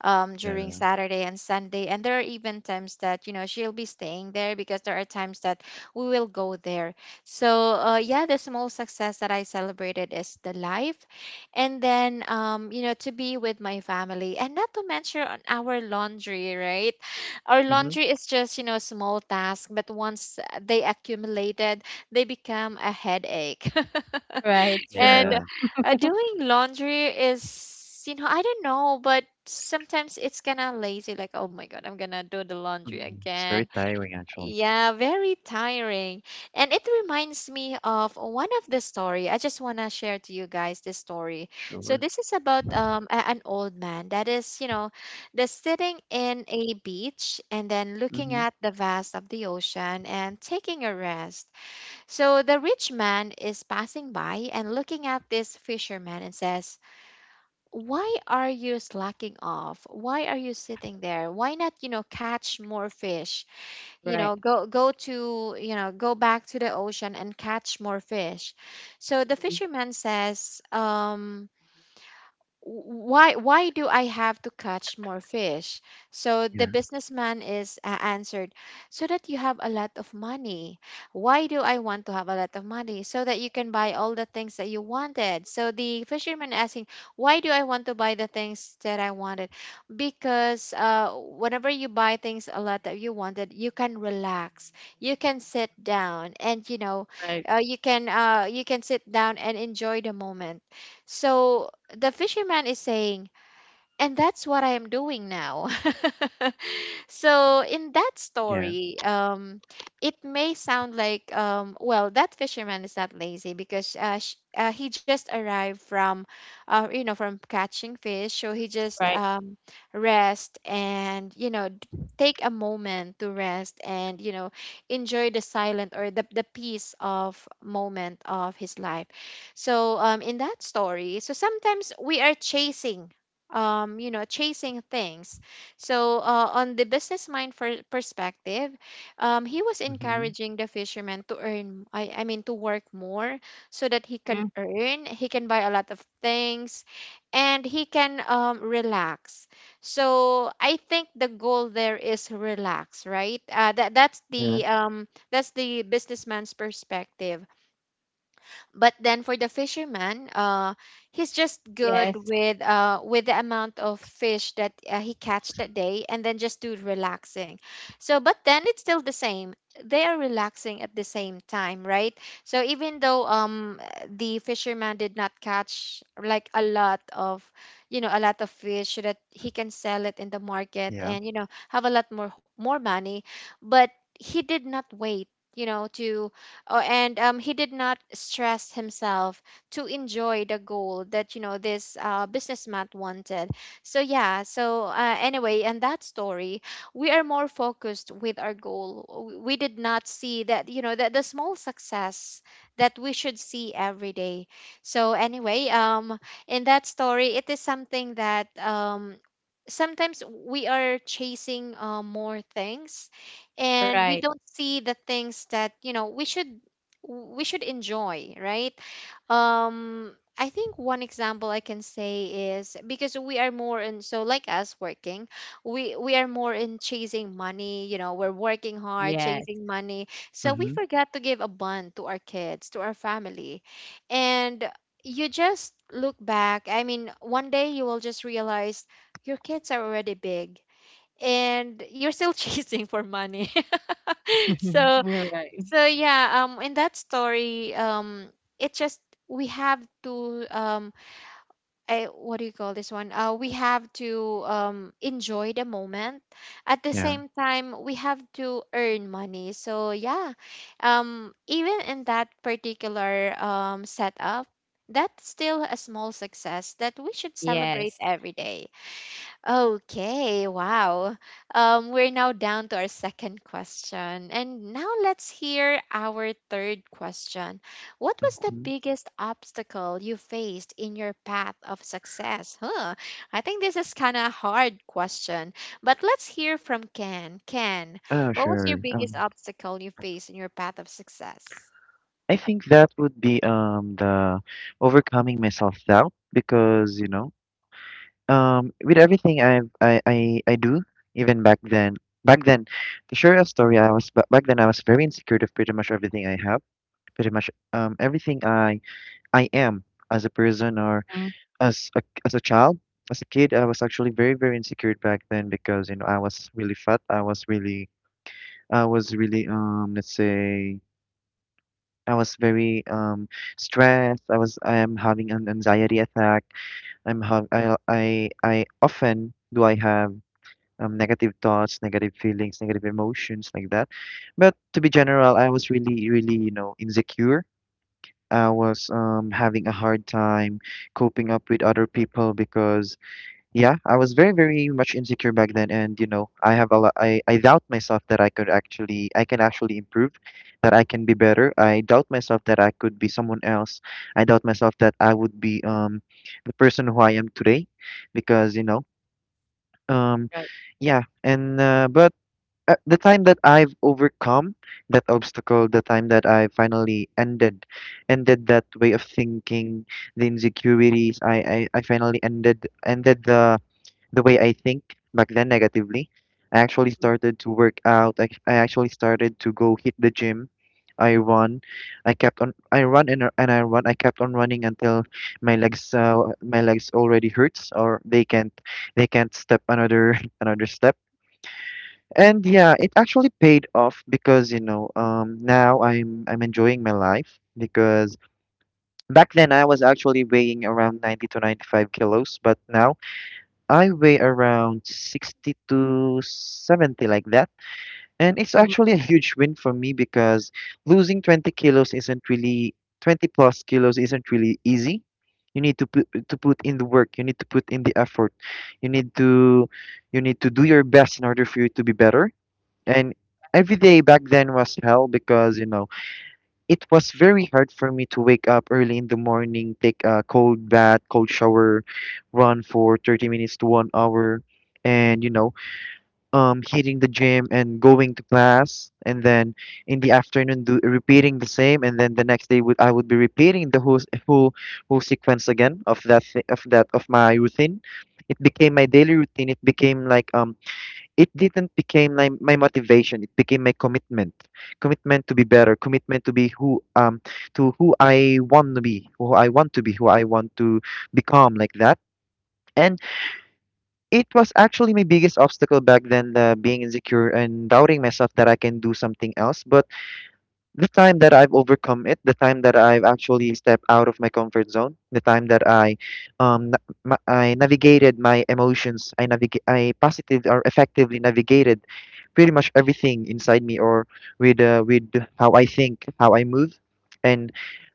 [SPEAKER 1] during
[SPEAKER 2] yeah.
[SPEAKER 1] Saturday and Sunday. And there are even times that she'll be staying there because there are times that we will go there, so yeah, the small success that I celebrated is the life. And then, to be with my family, and not to mention on our laundry, right? Our
[SPEAKER 2] Mhm.
[SPEAKER 1] laundry is just, small task, but once they accumulated, they become a headache.
[SPEAKER 3] Right. True.
[SPEAKER 1] And
[SPEAKER 2] Yeah.
[SPEAKER 1] doing laundry is, I don't know, but sometimes it's kind of lazy. Like, oh my God, I'm gonna do the laundry
[SPEAKER 2] Mhm. It's very
[SPEAKER 1] again.
[SPEAKER 2] tiring actually.
[SPEAKER 1] Yeah, very tiring. And it reminds me of one of the story. I just wanna share to you guys this story. So
[SPEAKER 2] Sure.
[SPEAKER 1] this is about an old man that is, that's sitting in a beach and then looking
[SPEAKER 2] Mhm.
[SPEAKER 1] at the vast of the ocean and taking a rest. So the rich man is passing by and looking at this fisherman and says, why are you slacking off? Why are you sitting there? Why not, catch more fish? You
[SPEAKER 3] Right.
[SPEAKER 1] know, go go to, you know, go back to the ocean and catch more fish. So the
[SPEAKER 3] Hmm.
[SPEAKER 1] fisherman says, why do I have to catch more fish? So the
[SPEAKER 2] Yeah,
[SPEAKER 1] businessman is answered, so that you have a lot of money. Why do I want to have a lot of money? So that you can buy all the things that you wanted. So the fisherman asking, why do I want to buy the things that I wanted? Because whenever you buy things a lot that you wanted, you can relax, you can sit down, and
[SPEAKER 3] Right.
[SPEAKER 1] you can sit down and enjoy the moment. So the fisherman is saying and that's what I am doing now. So in that
[SPEAKER 2] yeah.
[SPEAKER 1] story, it may sound like, well, that fisherman is not lazy because he just arrived from, from catching fish. So he just
[SPEAKER 3] Right.
[SPEAKER 1] rest and, take a moment to rest and, enjoy the silent or the peace of moment of his life. So in that story, so sometimes we are chasing things. So, on the business mind for perspective, he was
[SPEAKER 2] Mhm.
[SPEAKER 1] encouraging the fisherman to earn, I mean, to work more so that he can
[SPEAKER 3] Mhm.
[SPEAKER 1] earn, he can buy a lot of things, and he can, relax. So, I think the goal there is relax, right? Uh, that that's
[SPEAKER 2] Yeah.
[SPEAKER 1] the um, that's the businessman's perspective, but then for the fisherman, he's just good
[SPEAKER 3] Yes.
[SPEAKER 1] with the amount of fish that he catch that day, and then just do relaxing. So but then it's still the same, they are relaxing at the same time, right? So even though, the fisherman did not catch like a lot of, a lot of fish so that he can sell it in the market,
[SPEAKER 2] Yeah.
[SPEAKER 1] and have a lot more money. But he did not wait you know to oh, and he did not stress himself to enjoy the goal that, this businessman wanted. So yeah. So anyway, and that story, we are more focused with our goal. We did not see that you know that the small success that we should see every day. So anyway, in that story, it is something that, sometimes we are chasing more things, and we
[SPEAKER 3] Right.
[SPEAKER 1] don't see the things that, we should enjoy, right? I think one example I can say is because we are more in, so like us working, we are more in chasing money, we're working hard,
[SPEAKER 3] Yes.
[SPEAKER 1] chasing money. So we
[SPEAKER 2] Mhm.
[SPEAKER 1] forgot to give a bond to our kids, to our family. And you just look back. I mean, one day you will just realize your kids are already big and you're still chasing for money. so
[SPEAKER 3] Right.
[SPEAKER 1] so in that story, it just we have to, what do you call this one? We have to enjoy the moment. At the
[SPEAKER 2] Yeah.
[SPEAKER 1] same time, we have to earn money. So yeah, even in that particular setup, that's still a small success that we should celebrate
[SPEAKER 3] Yes.
[SPEAKER 1] every day. Okay, wow. We're now down to our second question. And now let's hear our third question. What was the
[SPEAKER 2] Mhm.
[SPEAKER 1] biggest obstacle you faced in your path of success? Huh. I think this is kind of a hard question, but let's hear from Ken. Ken,
[SPEAKER 2] Oh,
[SPEAKER 1] what was your
[SPEAKER 2] sure.
[SPEAKER 1] biggest obstacle you faced in your path of success?
[SPEAKER 2] I think that would be the overcoming my self-doubt, because, you know, with everything I do. Even back then, to share a story, back then I was very insecure of pretty much everything I have. Pretty much everything I am as a person, or
[SPEAKER 3] Mhm.
[SPEAKER 2] as a child. As a kid, I was actually very, very insecure back then, because you know, I was really fat. I was really let's say I was very stressed. I am having an anxiety attack. I often do I have negative thoughts, negative feelings, negative emotions, like that. But to be general, I was really, really, you know, insecure. I was having a hard time coping up with other people, because yeah, I was very, very much insecure back then, and you know, I have a lot. I doubt myself that I can actually improve, that I can be better. I doubt myself that I could be someone else. I doubt myself that I would be the person who I am today, because you know, um,
[SPEAKER 3] Right.
[SPEAKER 2] yeah, and but the time that I've overcome that obstacle, the time that I finally ended that way of thinking, the insecurities. I finally ended the way I think back then negatively. I actually started to work out. I actually started to go hit the gym. I run. I kept on. I run and I run. I kept on running until my legs already hurts, or they can't step another another step. And yeah, it actually paid off because, you know, now I'm enjoying my life, because back then I was actually weighing around 90 to 95 kilos, but now I weigh around 60 to 70, like that. And it's
[SPEAKER 3] Mhm.
[SPEAKER 2] actually a huge win for me, because losing 20 kilos isn't really, 20 plus kilos isn't really easy. You need to put in the work, you need to put in the effort. You need to you need to do your best in order for you to be better. And every day back then was hell, because you know, it was very hard for me to wake up early in the morning, take a cold bath, cold shower, run for 30 minutes to 1 hour, and you know, hitting the gym and going to class, and then in the afternoon repeating the same, and then the next day would, I would be repeating the whole, whole sequence again of that thi- of that of my routine. It became my daily routine, it became like, it didn't became my motivation, it became my commitment, commitment to be better, commitment to be who, to who, I want to be who I want to be who I want to become, like that. And it was actually my biggest obstacle back then, being insecure and doubting myself that I can do something else, but the time that I've overcome it, the time that I've actually stepped out of my comfort zone, the time that I navigated my emotions, I positively or effectively navigated pretty much everything inside me, or with how I think, how I move, and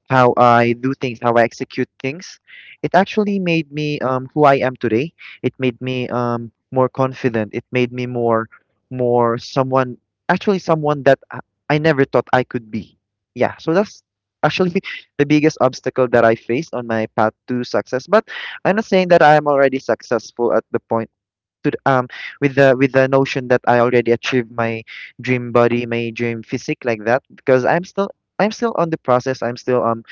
[SPEAKER 2] how I do things, how I execute things. It actually made me who I am today. It made me more confident. It made me more, someone, actually someone that I never thought I could be. Yeah, so that's actually the biggest obstacle that I faced on my path to success. But I'm not saying that I am already successful at the point, to th- um with the notion that I already achieved my dream body, my dream physique, like that, because I'm still on the process. I'm still,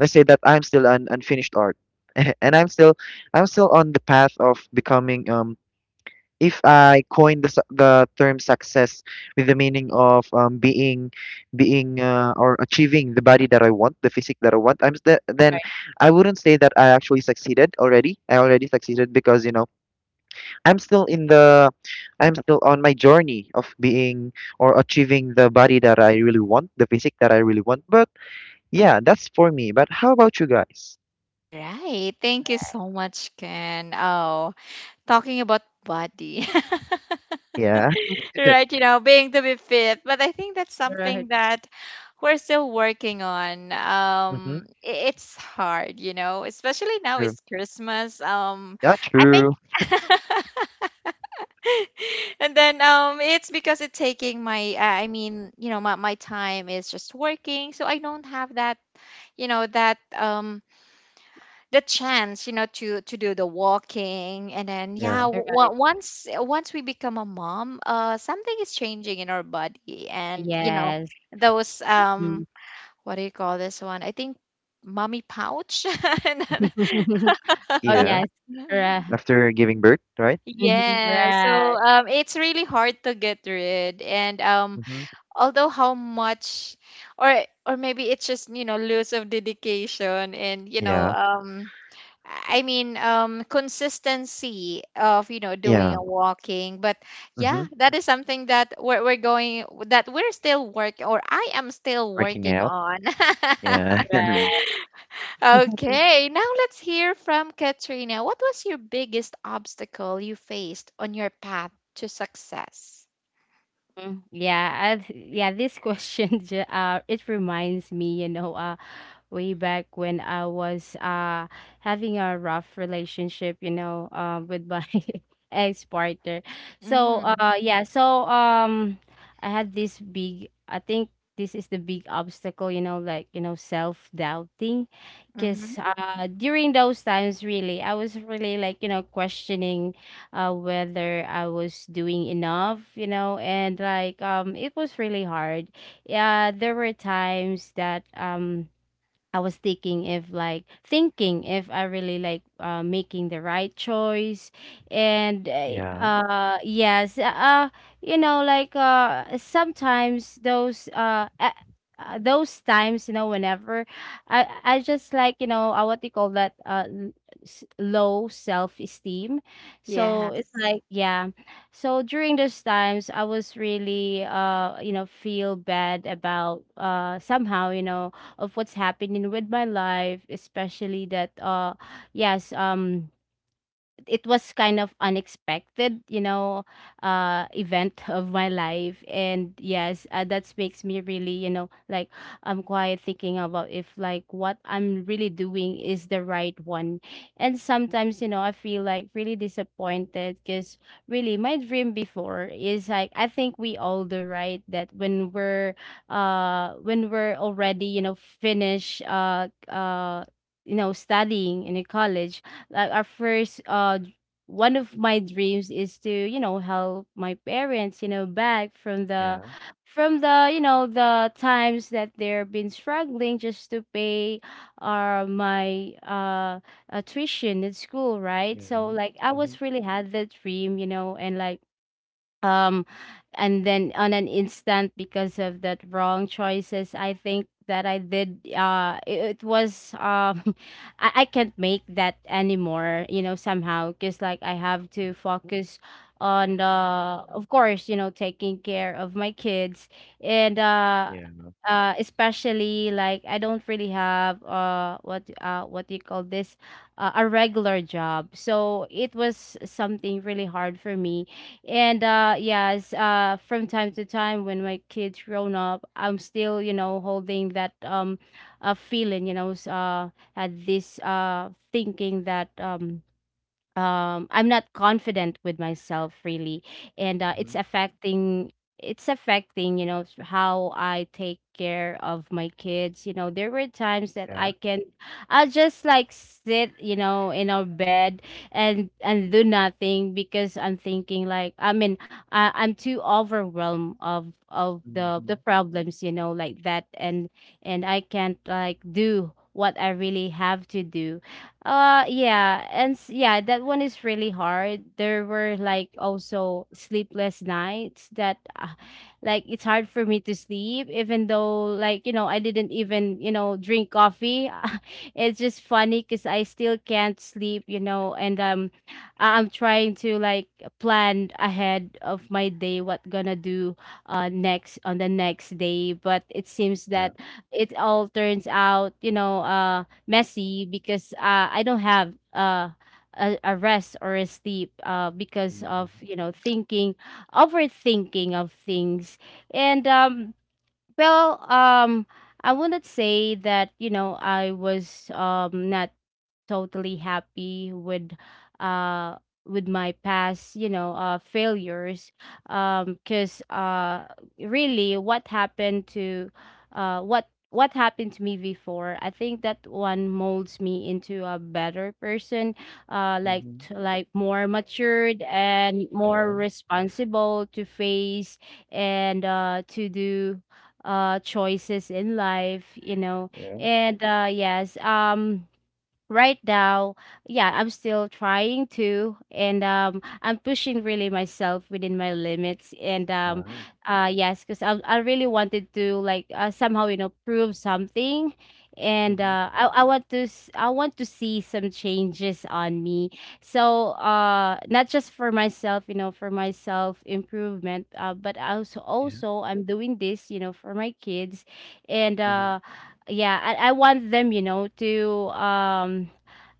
[SPEAKER 2] let's say that I'm still an unfinished art. And I'm still on the path of becoming, if I coin the term success, with the meaning of being, or achieving the body that I want, the physique that I want, then
[SPEAKER 3] Right.
[SPEAKER 2] I wouldn't say that I actually succeeded already. I already succeeded because I'm still in the I'm still on my journey of being or achieving the body that I really want, the physique that I really want. But yeah, that's for me. But how about you guys?
[SPEAKER 1] All right. Thank you so much, Ken. Oh, talking about body.
[SPEAKER 2] Yeah.
[SPEAKER 3] Mhm.
[SPEAKER 1] Right, being to be fit. But I think that's
[SPEAKER 3] Right.
[SPEAKER 1] something that we're still working on.
[SPEAKER 2] Mm-hmm.
[SPEAKER 1] It's hard, especially now
[SPEAKER 2] True.
[SPEAKER 1] it's Christmas.
[SPEAKER 2] Yeah,
[SPEAKER 1] I think.
[SPEAKER 2] true.
[SPEAKER 1] And then it's because it's taking my I mean, you know, my time is just working, so I don't have that, you know, that, the chance, you know, to do the walking. And then yeah,
[SPEAKER 2] Yeah.
[SPEAKER 3] Right.
[SPEAKER 1] once we become a mom, something is changing in our body, and you know,
[SPEAKER 3] Yes.
[SPEAKER 1] those,
[SPEAKER 3] Mhm.
[SPEAKER 1] what do you call this one? I think mommy pouch. And then-
[SPEAKER 3] Oh,
[SPEAKER 2] Yeah.
[SPEAKER 3] yes. Right.
[SPEAKER 2] After giving birth, right?
[SPEAKER 3] Mhm.
[SPEAKER 1] yeah, so
[SPEAKER 3] Yes.
[SPEAKER 1] it's really hard to get rid, and
[SPEAKER 2] Mm-hmm.
[SPEAKER 1] although how much, or maybe it's just, you know, lose of dedication, and you know
[SPEAKER 2] Yeah.
[SPEAKER 1] um I mean, consistency of, you know, doing
[SPEAKER 2] Yeah.
[SPEAKER 1] a walking, but yeah,
[SPEAKER 2] Mm-hmm.
[SPEAKER 1] that is something that we're going, that we're still work, or I am still
[SPEAKER 2] Working
[SPEAKER 1] working
[SPEAKER 2] out.
[SPEAKER 1] on.
[SPEAKER 2] Yeah. yeah.
[SPEAKER 3] Right.
[SPEAKER 1] Okay, now let's hear from Katrina. What was your biggest obstacle you faced on your path to success?
[SPEAKER 3] Mhm. Yeah, this question it reminds me, you know, way back when I was having a rough relationship, you know, um, with my ex partner. So
[SPEAKER 1] Mm,
[SPEAKER 3] uh, yeah, so um, I had this big, I think this is the big obstacle, you know, like, you know, self doubting.
[SPEAKER 1] mm-hmm.
[SPEAKER 3] Cause during those times really, I was really like, you know, questioning whether I was doing enough, you know, and like um, it was really hard. Yeah, there were times that I was thinking if, like, thinking if I really like making the right choice, and
[SPEAKER 2] Yeah.
[SPEAKER 3] yes, you know like sometimes those times, you know, whenever I just like, you know, what do you call that, low self-esteem. So it's
[SPEAKER 1] Yes.
[SPEAKER 3] like, yeah, so during those times I was really, you know, feel bad about, somehow, you know, of what's happening with my life, especially that uh, yes, um, it was kind of unexpected, you know, event of my life. And yes, that makes me really, you know, like I'm quite thinking about if like what I'm really doing is the right one. And sometimes, you know, I feel like really disappointed because really my dream before is like I think we all do, right? That when we're already, you know, finished you know studying in a college, like our first one of my dreams is to, you know, help my parents, you know, back from the you know, the times that they've been struggling just to pay my tuition at school, right?
[SPEAKER 2] Yeah.
[SPEAKER 3] So like I
[SPEAKER 2] Mm-hmm.
[SPEAKER 3] was really had that dream, you know, and like um and then on an instant because of that wrong choices I think that I did, it, it was um, I can't make that anymore, you know, somehow because like I have to focus on, of course, you know, taking care of my kids, and
[SPEAKER 2] Yeah.
[SPEAKER 3] especially like I don't really have uh, what do you call this, a regular job. So it was something really hard for me, and uh, yes, uh, from time to time when my kids grown up, I'm still, you know, holding that um, feeling, you know, at this thinking that I'm not confident with myself really, and
[SPEAKER 2] Mhm.
[SPEAKER 3] it's affecting, it's affecting, you know, how I take care of my kids. You know, there were times that
[SPEAKER 2] Yeah.
[SPEAKER 3] I can, I just like sit, you know, in our bed, and do nothing because I'm thinking like, I mean, I'm too overwhelmed of the
[SPEAKER 2] Mhm.
[SPEAKER 3] problems, you know, like that, and I can't like do what I really have to do. Uh, yeah, and yeah, that one is really hard. There were like also sleepless nights that like it's hard for me to sleep even though, like, you know, I didn't even, you know, drink coffee. It's just funny cuz I still can't sleep, you know, and um, I- I'm trying to like plan ahead of my day, what gonna do next on the next day, but it seems
[SPEAKER 2] Yeah.
[SPEAKER 3] that it all turns out, you know, uh, messy because I don't have a rest or a sleep because
[SPEAKER 2] Mhm.
[SPEAKER 3] of, you know, thinking, overthinking of things, and well, I wouldn't say that, you know, I was not totally happy uh with my past, you know, uh, failures, um, because uh, really what happened to uh, what happened to me before, I think that one molds me into a better person, like
[SPEAKER 2] Mhm.
[SPEAKER 3] like more matured and
[SPEAKER 2] Yeah.
[SPEAKER 3] more responsible to face, and to do choices in life, you know,
[SPEAKER 2] Yeah.
[SPEAKER 3] and uh, yes, um, right now, yeah, I'm still trying to, and um, I'm pushing really myself within my limits, and um,
[SPEAKER 2] Wow.
[SPEAKER 3] yes, because I really wanted to like somehow, you know, prove something, and
[SPEAKER 2] Mhm.
[SPEAKER 3] uh, I want to I want to see some changes on me. So not just for myself, you know, for my self improvement, but also,
[SPEAKER 2] Yeah.
[SPEAKER 3] also, I'm doing this, you know, for my kids, and
[SPEAKER 2] Mhm.
[SPEAKER 3] uh, yeah, I want them, you know, to um,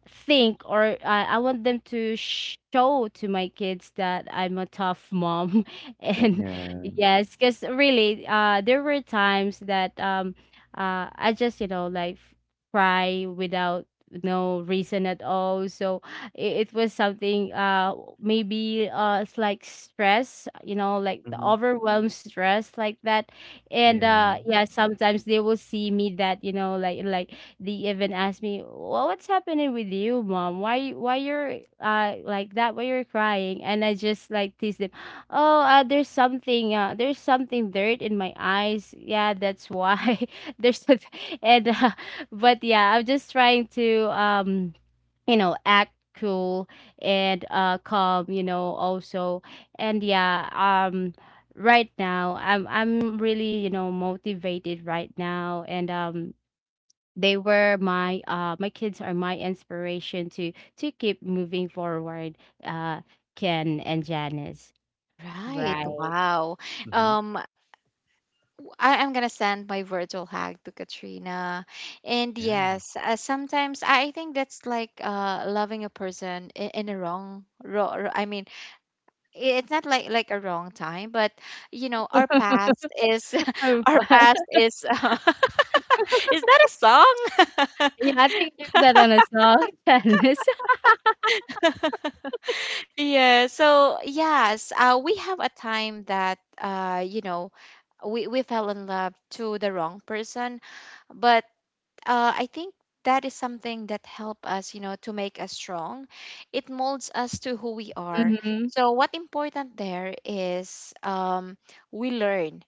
[SPEAKER 3] think, or I want them to show to my kids that I'm a tough mom. And
[SPEAKER 2] Yeah.
[SPEAKER 3] yes, because really, there were times that I just, you know, like cry without no reason at all. So it was something, maybe it's like stress, you know, like the
[SPEAKER 2] Mhm.
[SPEAKER 3] overwhelmed stress like that. And
[SPEAKER 2] Yeah.
[SPEAKER 3] yeah, sometimes they will see me that, you know, like, they even asked me, well, what's happening with you, mom? Why you're like that? Why you're crying? And I just like tease them. Oh, there's something dirt in my eyes. Yeah, that's why there's a, and but yeah, I'm just trying to um, you know, act cool, and calm, you know, also. And yeah, um, right now, I'm really, you know, motivated right now, and um, they were my kids are my inspiration to keep moving forward, uh Ken and Janice.
[SPEAKER 1] Right.
[SPEAKER 2] Yeah.
[SPEAKER 3] Right.
[SPEAKER 1] Wow.
[SPEAKER 2] Mhm.
[SPEAKER 1] Um, I am gonna send my virtual hug to Katrina. And
[SPEAKER 2] Yeah.
[SPEAKER 1] yes, sometimes I think that's like, loving a person in a wrong, I mean, it's not like, like a wrong time, but you know, our past is
[SPEAKER 3] Oh,
[SPEAKER 1] our
[SPEAKER 3] wow.
[SPEAKER 1] past is, uh, is that a song?
[SPEAKER 3] Yeah, I think you heard that on a song. Janice.
[SPEAKER 1] Yeah. So yes, we have a time that, you know, we fell in love to the wrong person, but I think that is something that help us, you know, to make us strong. It molds us to who we are.
[SPEAKER 3] Mm-hmm.
[SPEAKER 1] So what important there is, we learn,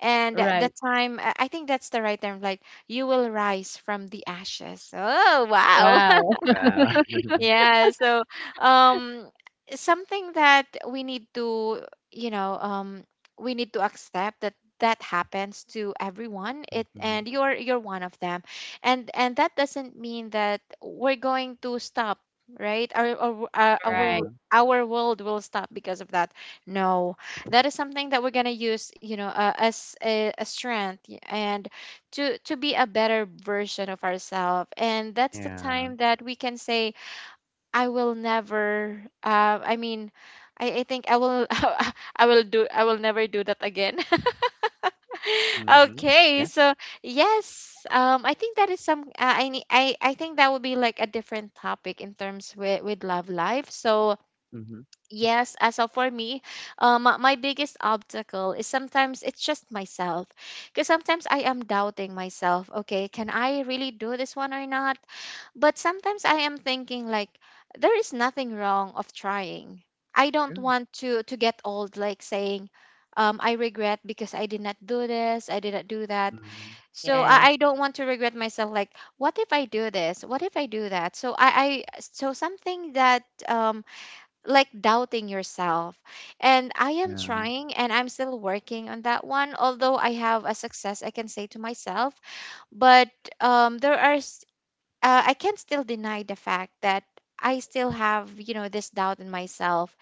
[SPEAKER 1] and
[SPEAKER 3] Right.
[SPEAKER 1] the time I think that's the right term. Like you will rise from the ashes. Oh wow!
[SPEAKER 3] Wow.
[SPEAKER 2] Wow.
[SPEAKER 1] Yeah, so um something that we need to, you know, we need to accept that that happens to everyone. It
[SPEAKER 2] Mhm.
[SPEAKER 1] and you're one of them. And that doesn't mean that we're going to stop, right? Our our our
[SPEAKER 3] Right.
[SPEAKER 2] Yeah.
[SPEAKER 1] our our world will stop because of that. No, that is something that we're gonna use, you know, as a strength, and to be a better version of ourselves. And that's the
[SPEAKER 2] Yeah.
[SPEAKER 1] time that we can say, I will never. I mean, I think I will. I will do. I will never do that again.
[SPEAKER 2] Mhm. Yeah.
[SPEAKER 1] Okay, so yes, I think that is some. I need. I think that would be like a different topic in terms with love life. So
[SPEAKER 2] Mhm.
[SPEAKER 1] yes, as of for me, my my biggest obstacle is sometimes it's just myself, because sometimes I am doubting myself. Okay, can I really do this one or not? But sometimes I am thinking, like, there is nothing wrong of trying. I don't
[SPEAKER 2] Good.
[SPEAKER 1] want to get old like saying, I regret because I did not do this, I did not do that.
[SPEAKER 2] Mhm.
[SPEAKER 1] So I
[SPEAKER 3] Yes.
[SPEAKER 1] don't want to regret myself, like what if I do this? What if I do that? So I so something that like doubting yourself. And I am
[SPEAKER 2] Yeah.
[SPEAKER 1] trying and I'm still working on that one. Although I have a success I can say to myself, but there are, I can't still deny the fact that I still have, you know, this doubt in myself.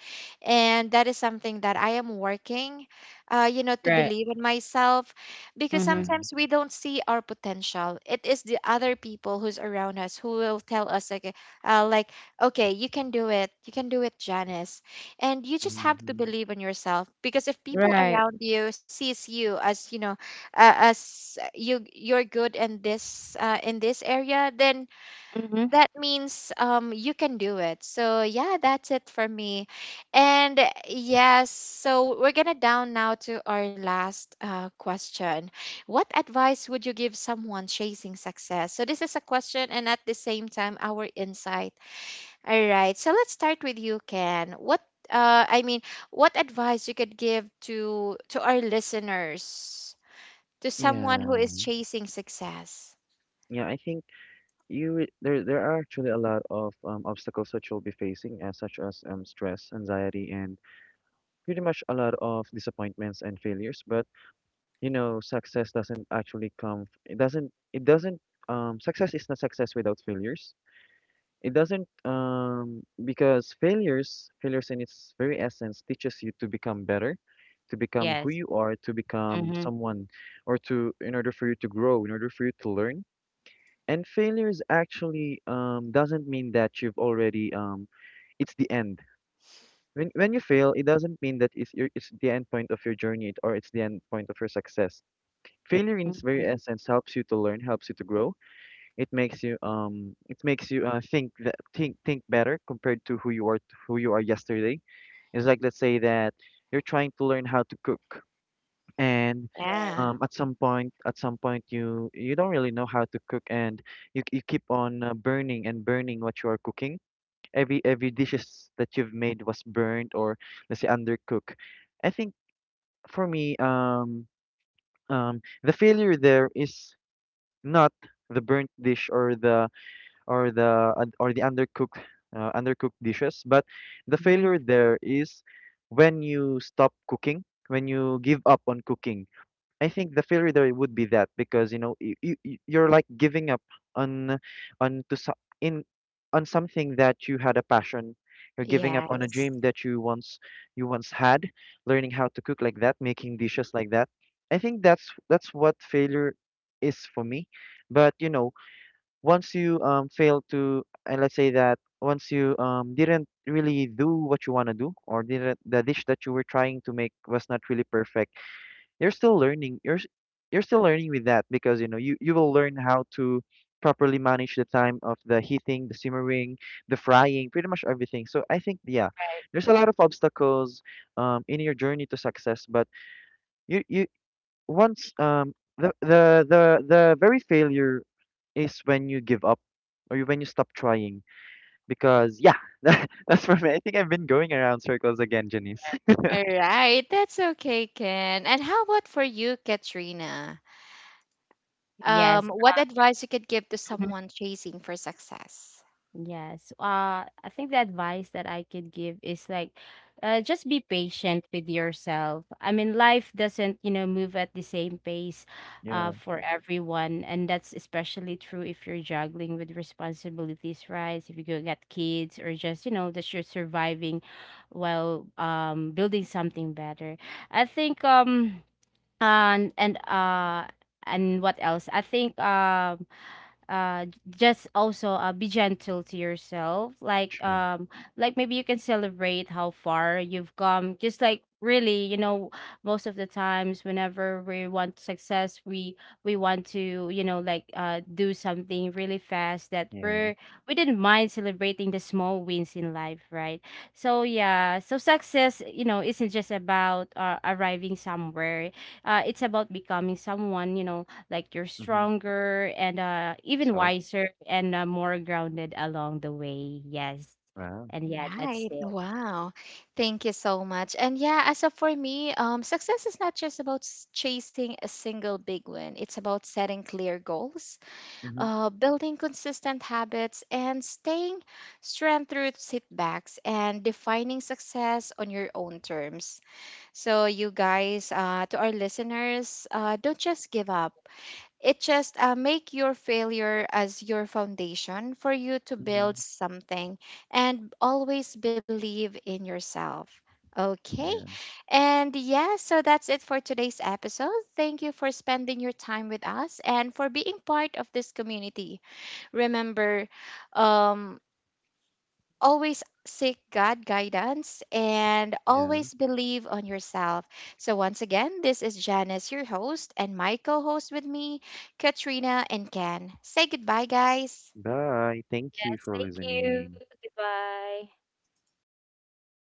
[SPEAKER 1] And that is something that I am working, you know, to
[SPEAKER 3] Right.
[SPEAKER 1] believe in myself, because
[SPEAKER 3] mm-hmm.
[SPEAKER 2] Yeah.
[SPEAKER 1] sometimes we don't see our potential. It is the other people who's around us who will tell us, like, okay, you can do it. You can do it, Janice. And you just have to
[SPEAKER 2] Mhm.
[SPEAKER 1] believe in yourself, because if people
[SPEAKER 3] Right.
[SPEAKER 1] around you sees you as, you know, as you you're good in this area, then
[SPEAKER 3] mm-hmm.
[SPEAKER 1] that means you can do it. So yeah, that's it for me. And yes, so we're gonna down now to our last, question. What advice would you give someone chasing success? So this is a question and at the same time our insight. All right, so let's start with you, Ken. What I mean, what advice you could give to our listeners, to someone who is
[SPEAKER 2] Yeah.
[SPEAKER 1] chasing success?
[SPEAKER 2] Yeah. I think. There are actually a lot of obstacles that you'll be facing, as such as stress, anxiety, and pretty much a lot of disappointments and failures. But you know, success doesn't actually come. It doesn't. It doesn't. Success is not success without failures. It doesn't. Because failures in its very essence, teaches you to become better, to become who
[SPEAKER 3] Yes.
[SPEAKER 2] you are, to become
[SPEAKER 3] mm-hmm.
[SPEAKER 2] someone, or to in order for you to grow, in order for you to learn and failures actually doesn't mean that you've already, it's the end. When you fail, it doesn't mean that it's your, it's the end point of your journey, or it's the end point of your success. Failure, in its very
[SPEAKER 3] Mm-hmm.
[SPEAKER 2] essence, helps you to learn, helps you to grow. It makes you think that, think better compared to who you are yesterday. It's like let's say that you're trying to learn how to cook and
[SPEAKER 3] Right.
[SPEAKER 1] Yeah.
[SPEAKER 2] at some point you don't really know how to cook and you keep on burning and burning what you are cooking every dishes that you've made was burned or let's say undercooked. I think for me the failure there is not the burnt dish or the or the undercooked undercooked dishes, but the
[SPEAKER 3] mm-hmm.
[SPEAKER 2] failure there is when you stop cooking, when you give up on cooking. I think the failure there would be that because you know you're like giving up on on to so- in on something that you had a passion. You're giving up on a
[SPEAKER 1] Yes.
[SPEAKER 2] dream that you once had, learning how to cook like that, making dishes like that. I think that's what failure is for me. But you know, once you fail to and let's say that once you didn't really do what you want to do or didn't the dish that you were trying to make was not really perfect, you're still learning you're s- you're still learning with that because you know you will learn how to properly manage the time of the heating, the simmering, the frying, pretty much everything. So I think yeah,
[SPEAKER 3] Right.
[SPEAKER 2] there's a lot of obstacles in your journey to success, but you once the very failure is when you give up or when you stop trying. Because yeah, that's for me. I think I've been going around circles again, Janice.
[SPEAKER 1] All right, that's okay, Ken. And how about for you, Katrina?
[SPEAKER 3] Yes.
[SPEAKER 1] What advice you could give to
[SPEAKER 3] Mm-hmm.
[SPEAKER 1] someone chasing for success?
[SPEAKER 3] Yes. I think the advice that I could give is like, just be patient with yourself. I mean, life doesn't, you know, move at the same pace,
[SPEAKER 2] yeah,
[SPEAKER 3] for everyone, and that's especially true if you're juggling with responsibilities, right? If you go get kids, or just, you know, that you're surviving while um, building something better. I think um, and and what else? I think um, just also be gentle to yourself, like
[SPEAKER 2] true.
[SPEAKER 3] um, like maybe you can celebrate how far you've come, just like really, you know, most of the times whenever we want success, we want to, you know, like do something really fast, that
[SPEAKER 2] Yeah.
[SPEAKER 3] we didn't mind celebrating the small wins in life, right? So yeah, so success, you know, isn't just about arriving somewhere, it's about becoming someone, you know, like you're
[SPEAKER 2] Hmm.
[SPEAKER 3] stronger and uh, even
[SPEAKER 2] So
[SPEAKER 3] wiser and more grounded along the way. Yes,
[SPEAKER 2] wow.
[SPEAKER 3] and yeah, that's
[SPEAKER 1] Right.
[SPEAKER 3] it.
[SPEAKER 1] Wow. Thank you so much. And yeah, as of for me, success is not just about chasing a single big win. It's about setting clear goals,
[SPEAKER 2] Mm-hmm.
[SPEAKER 1] building consistent habits, and staying strong through setbacks and defining success on your own terms. So, you guys, to our listeners, don't just give up. It just make your failure as your foundation for you to build
[SPEAKER 2] Mhm.
[SPEAKER 1] something, and always believe in yourself. Okay,
[SPEAKER 2] Yeah.
[SPEAKER 1] and yeah, so that's it for today's episode. Thank you for spending your time with us and for being part of this community. Remember, um, always seek God guidance and
[SPEAKER 2] Yeah.
[SPEAKER 1] always believe on yourself. So once again, this is Janice, your host, and my co-host with me, Katrina and Ken. Say goodbye, guys.
[SPEAKER 2] Bye. Thank you
[SPEAKER 3] Yes,
[SPEAKER 2] for
[SPEAKER 3] thank you.
[SPEAKER 2] listening.
[SPEAKER 3] Goodbye.